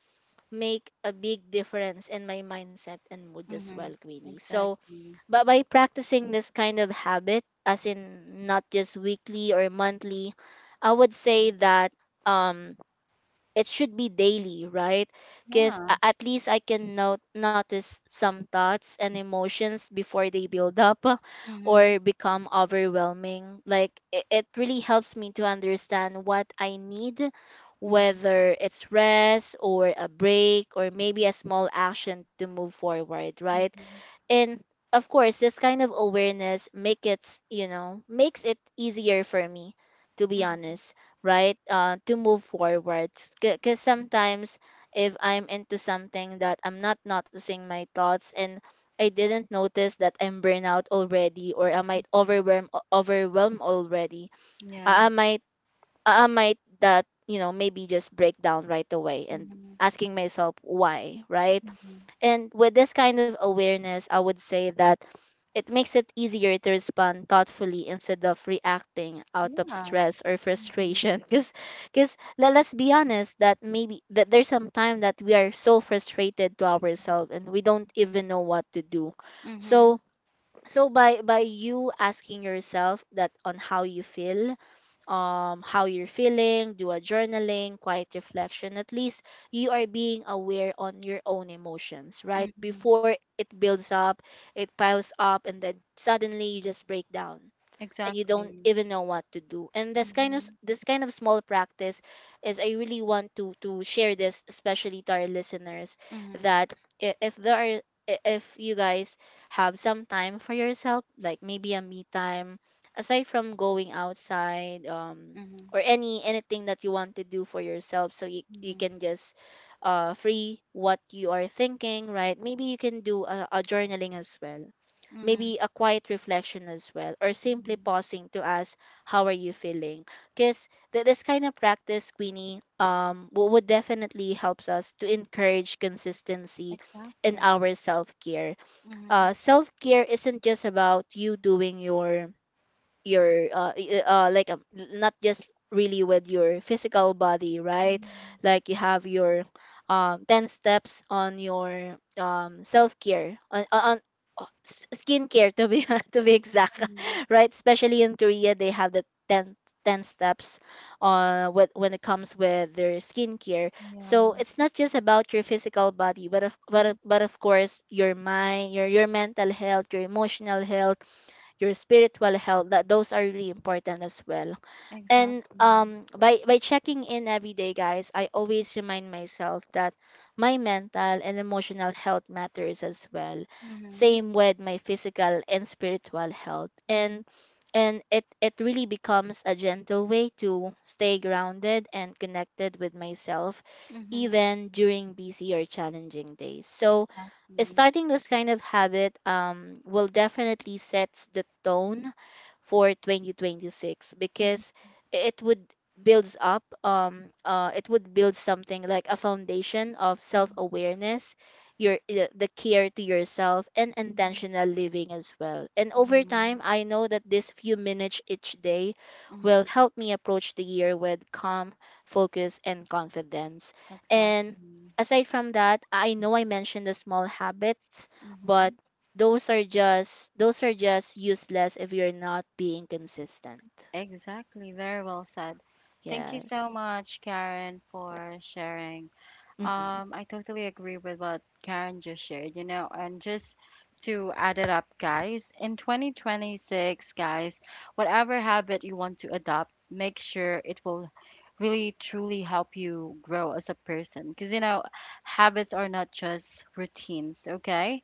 S2: make a big difference in my mindset and mood as well,
S1: Mhm.
S2: Queenie. So
S1: Exactly.
S2: but by practicing this kind of habit, as in not just weekly or monthly, I would say
S1: Mm.
S2: that um it should be daily, right? Because
S1: Yeah.
S2: at least I can note notice some thoughts and emotions before they build up,
S1: Mhm.
S2: or become overwhelming. Like it really helps me to understand what I need,
S1: Mhm.
S2: whether it's rest, or a break, or maybe a small action to move forward, right?
S1: Mhm.
S2: And of course, this kind of awareness make you know, makes it easier for me to be
S1: Mhm.
S2: honest, right, uh, to move forward. Because sometimes, if I'm into something that I'm not noticing my thoughts, and I didn't notice that I'm burnout already, or I might
S1: Mhm.
S2: overwhelm already, i, I
S1: Yeah.
S2: might I I might that you know maybe just break down right away and
S1: Mhm.
S2: asking myself why, right?
S1: Mhm.
S2: And with this kind of awareness, I would say that it makes it easier to respond thoughtfully, instead of reacting out of
S1: Yeah.
S2: stress or
S1: Mhm.
S2: frustration. Because let, let's be honest that maybe that there's some time that we are so frustrated to ourselves, and we don't even know what to do. So by you asking yourself that on how you feel, how you're feeling, do a journaling, quiet reflection. At least you are being aware on your own emotions, right? Before it builds up, it piles up, and then suddenly you just break down and you don't
S1: Exactly.
S2: even know what to do. And this kind of
S1: Mhm.
S2: this kind of small practice is, I really want to share this, especially to our listeners,
S1: Mhm.
S2: that if there are if you guys have some time for yourself, like maybe a me time, aside from going outside, um,
S1: Mhm.
S2: or any anything that you want to do for yourself, so you
S1: Exactly.
S2: can just uh, free what you are thinking, right? Maybe you can do a journaling as well,
S1: Mhm. Mhm. Mhm. Mhm.
S2: maybe
S1: Mhm.
S2: a quiet reflection as well, or simply
S1: Mhm.
S2: pausing to ask how are you feeling. Because this kind of practice, Queenie, um, would definitely helps us to encourage consistency in
S1: Exactly.
S2: our self-care. Uh,
S1: Mhm.
S2: self-care isn't just about you doing your your like not just really with your physical body, right?
S1: Mhm.
S2: Like, you have your um, 10 steps on your um, self care, on, on skin care, to be to be exact,
S1: Mhm.
S2: right? Especially in Korea, they have the 10 steps with, when it comes with their skincare.
S1: Yeah.
S2: So it's not just about your physical body, but
S1: Mhm.
S2: of course, your mind, your mental health, your emotional health, your spiritual health, that those are really important as well. And
S1: Exactly.
S2: um, by checking in every day, guys, I always remind myself that my mental and emotional health matters as well,
S1: Mhm.
S2: same with my physical and spiritual health. And
S1: Mhm.
S2: it it really becomes a gentle way to stay grounded and connected with myself,
S1: Mhm.
S2: even during busy or challenging days. So
S1: Exactly.
S2: starting this kind of habit um, will definitely sets the tone for 2026,
S1: Mhm.
S2: because it would builds up it would build something like a foundation of
S1: Mhm.
S2: self-awareness, your the care to yourself, and
S1: Mhm.
S2: intentional living as well. And
S1: Yeah.
S2: over time, I know that this few minutes each day will
S1: Mhm.
S2: help me approach the year with calm, focus and confidence. And
S1: Exactly.
S2: aside from that, I know I mentioned the small habits, but
S1: Mm-hmm.
S2: those are just useless if you're not being consistent.
S1: Exactly. Very well said. Thank you so
S2: Yes.
S1: much, Karen, for sharing.
S2: Mm-hmm.
S1: I totally agree with what Karen just shared, you know, and just to add it up, guys, in 2026, guys, whatever habit you want to adopt, make sure it will really truly help you grow as a person. Because, you know, habits are not just routines, okay?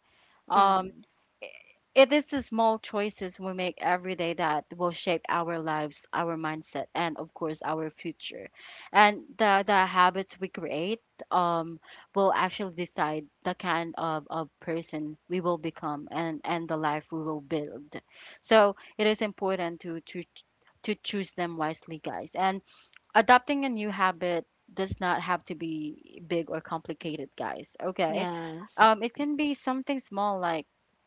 S1: Um,
S2: Mm.
S1: It is the small choices we make every day that will shape our lives, our mindset, and of course our future. And the habits we create um will actually decide the kind of person we will become, and the life we will build. So it is important to to choose them wisely, guys. And adopting a new habit does not have to be big or complicated, guys. Okay.
S2: Yes.
S1: It can be something small like,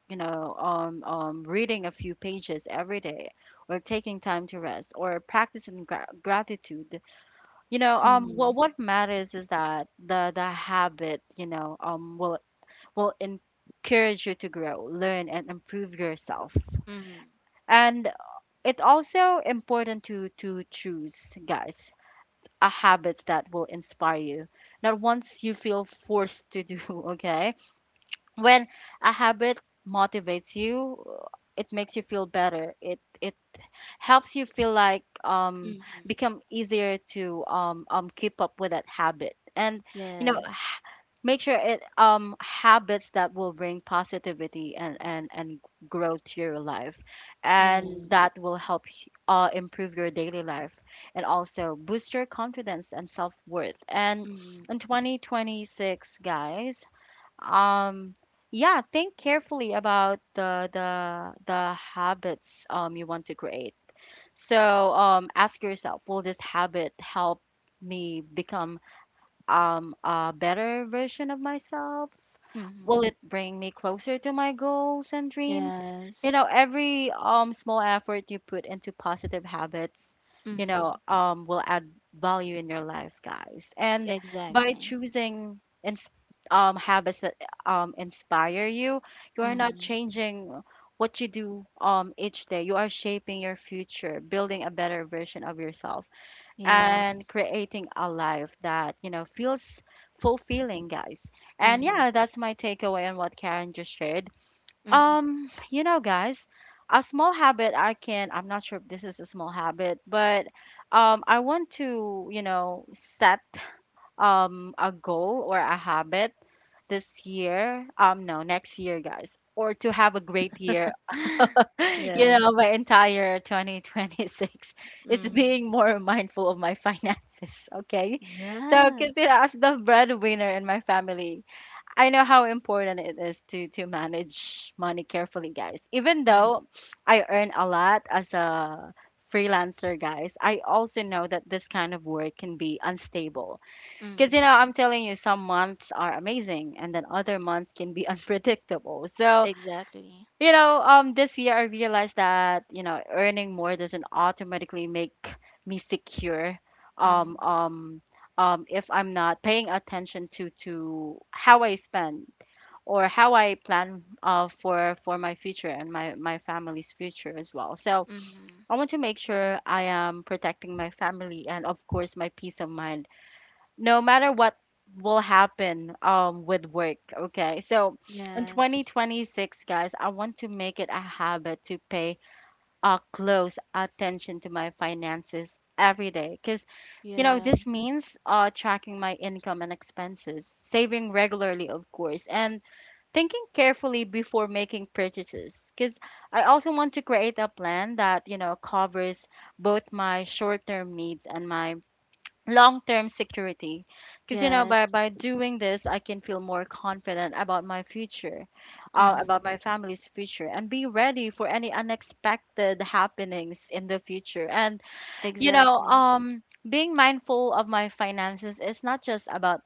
S1: you know, reading a few pages every day or taking time to rest or practicing gratitude. You know,
S2: Mm-hmm.
S1: what matters is that the habit, you know, will encourage you to grow, learn, and improve yourself.
S2: Mm-hmm.
S1: And it's also important to choose, guys, a habits that will inspire you, not once you feel forced to do. Okay? When a habit motivates you, it makes you feel better. It helps you feel like
S2: Mm-hmm.
S1: become easier to keep up with that habit. And, you know,
S2: Yes.
S1: make sure it habits that will bring positivity and and growth to your life, and
S2: Yeah.
S1: that will help improve your daily life, and also boost your confidence and self-worth. And
S2: Mm-hmm.
S1: in 2026, guys, um yeah, think carefully about the habits you want to create. So ask yourself, will this habit help me become a better version of myself? Will
S2: Mm-hmm.
S1: it bring me closer to my goals and dreams? You
S2: Yes.
S1: know, every small effort you put into positive habits, you
S2: Mm-hmm.
S1: know, will add value in your life, guys. And by
S2: Exactly.
S1: choosing ins habits that inspire you, you are not
S2: Mm-hmm.
S1: changing what you do each day. You are shaping your future, building a better version of yourself,
S2: Yes.
S1: and creating a life that, you know, feels fulfilling, guys. And
S2: Mm-hmm.
S1: yeah, that's my takeaway on what Karen just shared.
S2: Mm-hmm.
S1: You know, guys, a small habit I can, I'm not sure if this is a small habit, but I want to, you know, set a goal or a habit this year, no, next year, guys, or to have a great year. You
S2: Yeah.
S1: know, my entire 2026 is
S2: Mm-hmm.
S1: being more mindful of my finances, okay? So, because, you know,
S2: Yes.
S1: as the breadwinner in my family, I know how important it is to manage money carefully, guys. Even though I earn a lot as a freelancer, guys, I also know that this kind of work can be unstable. Because, you
S2: Mm-hmm.
S1: know, I'm telling you, some months are amazing, and then other months can be unpredictable. So,
S2: Exactly.
S1: you know, this year I realized that, you know, earning more doesn't automatically make me secure.
S2: Mm-hmm.
S1: Um, um, if I'm not paying attention to how I spend or how I plan, for my future and my family's future as well. So
S2: Mm-hmm.
S1: I want to make sure I am protecting my family and of course my peace of mind no matter what will happen with work, okay? So in
S2: Yes.
S1: 2026, guys, I want to make it a habit to pay close attention to my finances every day, because, you know,
S2: Yeah.
S1: this means tracking my income and expenses, saving regularly of course, and thinking carefully before making purchases. Because I also want to create a plan that, you know, covers both my short-term needs and my long-term security, because, you know,
S2: Yes.
S1: by doing this I can feel more confident about my future, about
S2: Mm-hmm.
S1: my family's future, and be ready for any unexpected happenings in the future. And, you know,
S2: Exactly.
S1: being mindful of my finances is not just about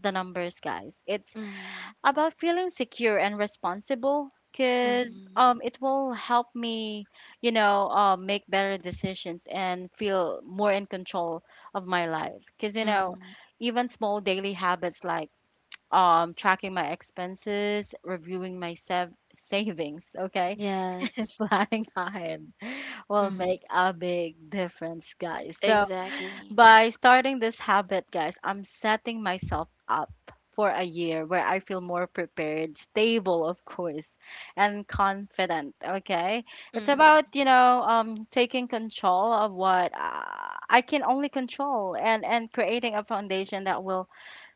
S1: the numbers, guys, it's
S2: Mm-hmm.
S1: about feeling secure and responsible, because,
S2: Mm-hmm.
S1: it will help me, you know, make better decisions and feel more in control of my life, because, you know,
S2: Mm-hmm.
S1: even small daily habits like, tracking my expenses, reviewing my savings, okay,
S2: Yes.
S1: planning ahead, will
S2: Mhm.
S1: make a big difference, guys. So
S2: Exactly.
S1: by starting this habit, guys, I'm setting myself up for a year where I feel more prepared, stable, of course, and confident. Okay, it's
S2: Mm-hmm.
S1: about, you know, taking control of what, I can only control, and creating a foundation that will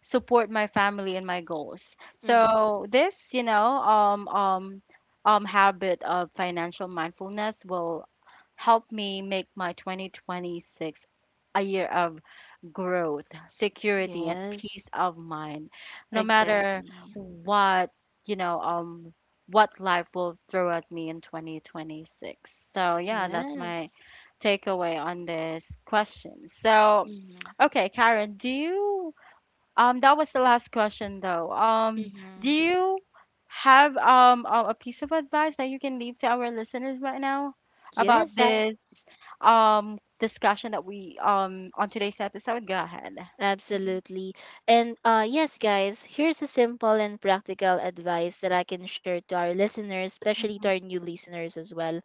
S1: support my family and my goals.
S2: Mm-hmm.
S1: So this, you know, habit of financial mindfulness will helped me make my 2026 a year of growth, security, and peace
S2: Yes.
S1: of mind. No matter
S2: Exactly.
S1: what, you know, what life will throw at me in 2026. So, yeah, that's my
S2: Yes.
S1: takeaway on this question. So,
S2: Mm-hmm.
S1: okay, Karen, do you that was the last question, though. Do
S2: Mm-hmm.
S1: you have a piece of advice that you can leave to our listeners right now about
S2: Yes,
S1: this discussion that we on today's episode? Go ahead.
S2: absolutely. And uh, yes, guys, here's a simple and practical advice that I can share to our listeners, especially to our
S1: Mhm.
S2: new listeners as well.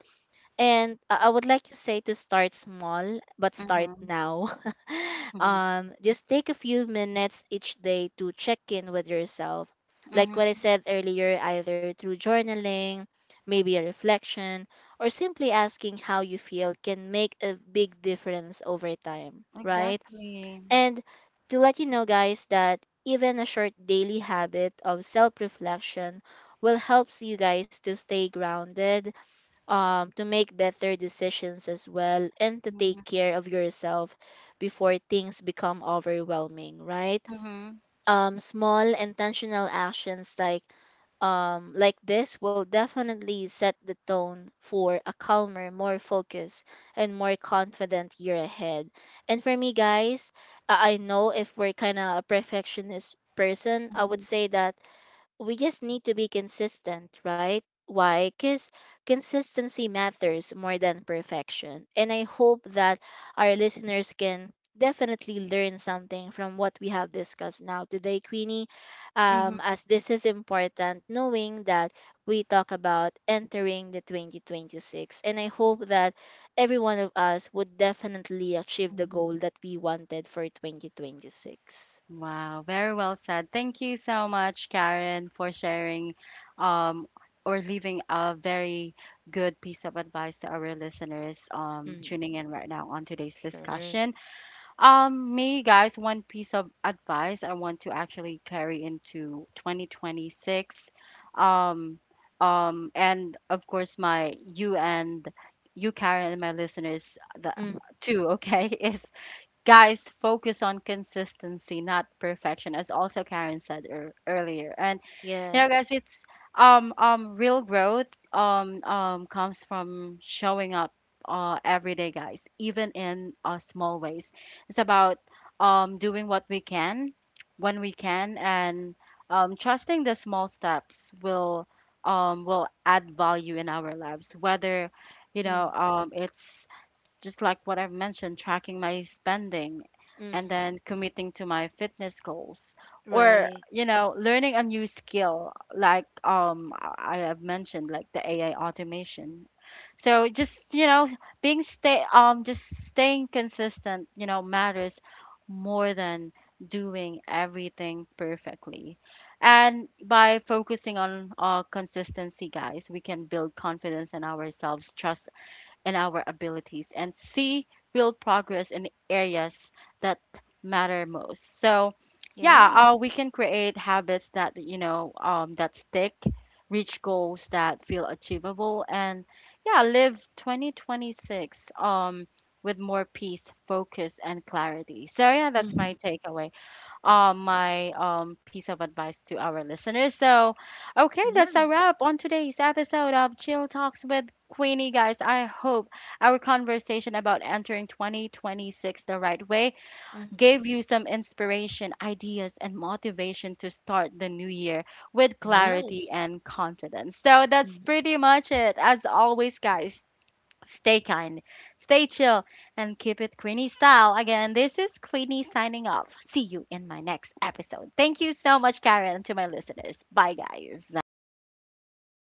S2: And I would like to say to start small, but start
S1: Mhm.
S2: now.
S1: Mhm.
S2: Um, just take a few minutes each day to check in with yourself. Like what I
S1: Mhm.
S2: said earlier, either through journaling, maybe a reflection, or simply asking how you feel can make a big difference over time, right?
S1: Exactly.
S2: And to let you know, guys, that even a short daily habit of self reflection will help you guys to stay grounded, to make better decisions as well, and to take
S1: Mhm.
S2: care of yourself before things become overwhelming, right?
S1: Mhm.
S2: Small intentional actions like this will definitely set the tone for a calmer, more focused, and more confident year ahead. And for me, guys, I know if we're kind of a perfectionist person, I would
S1: Mhm.
S2: say that we just need to be consistent, right? Why? Because consistency matters more than perfection. And I hope that our listeners can definitely learn something from what we have discussed now today, Queenie,
S1: Mhm.
S2: as this is important, knowing that we talk about entering the 2026. And I hope that every one of us would definitely achieve the goal
S1: Mhm.
S2: that we wanted for 2026.
S1: Wow, very well said. Thank you so much, Karen, for sharing, um, or leaving a very good piece of advice to our listeners, tuning
S2: Mm,
S1: in right now on today's
S2: sure.
S1: discussion. Me, guys, one piece of advice I want to actually carry into 2026. Um, and of course, my you and you, Karen, and my listeners, the,
S2: Mm,
S1: too, okay, is, guys, focus on consistency, not perfection, as also Karen said earlier. And, you know, guys,
S2: yes.
S1: it's real growth comes from showing up every day, guys, even in, small ways. It's about doing what we can when we can, and trusting the small steps will add value in our lives, whether, you know,
S2: Mm,
S1: it's just like what I've mentioned, tracking my spending, and
S2: mm,
S1: then committing to my fitness goals, or,
S2: right.
S1: you know, learning a new skill like, I have mentioned, like the AI automation. So just, you know, being stay just staying consistent, you know, matters more than doing everything perfectly. And by focusing on, consistency, guys, we can build confidence in ourselves, trust and our abilities, and see real progress in areas that matter most. So, yeah,
S2: Yeah.
S1: we can create habits that, you know, that stick, reach goals that feel achievable, and yeah, live 2026, with more peace, focus, and clarity. So, yeah, that's
S2: Mhm.
S1: my takeaway, my, piece of advice to our listeners. So, okay, that's a
S2: Yeah.
S1: wrap on today's episode of Chill Talks with Queenie, guys. I hope our conversation about entering 2026 the right way
S2: Mhm.
S1: gave you some inspiration, ideas, and motivation to start the new year with clarity
S2: Yes.
S1: and confidence. So, that's
S2: Mhm.
S1: pretty much it. As always, guys, stay kind, stay chill, and keep it Queenie style. Again, this is Queenie signing off. See you in my next episode. Thank you so much, Karen, to my listeners. Bye, guys.
S2: Bye.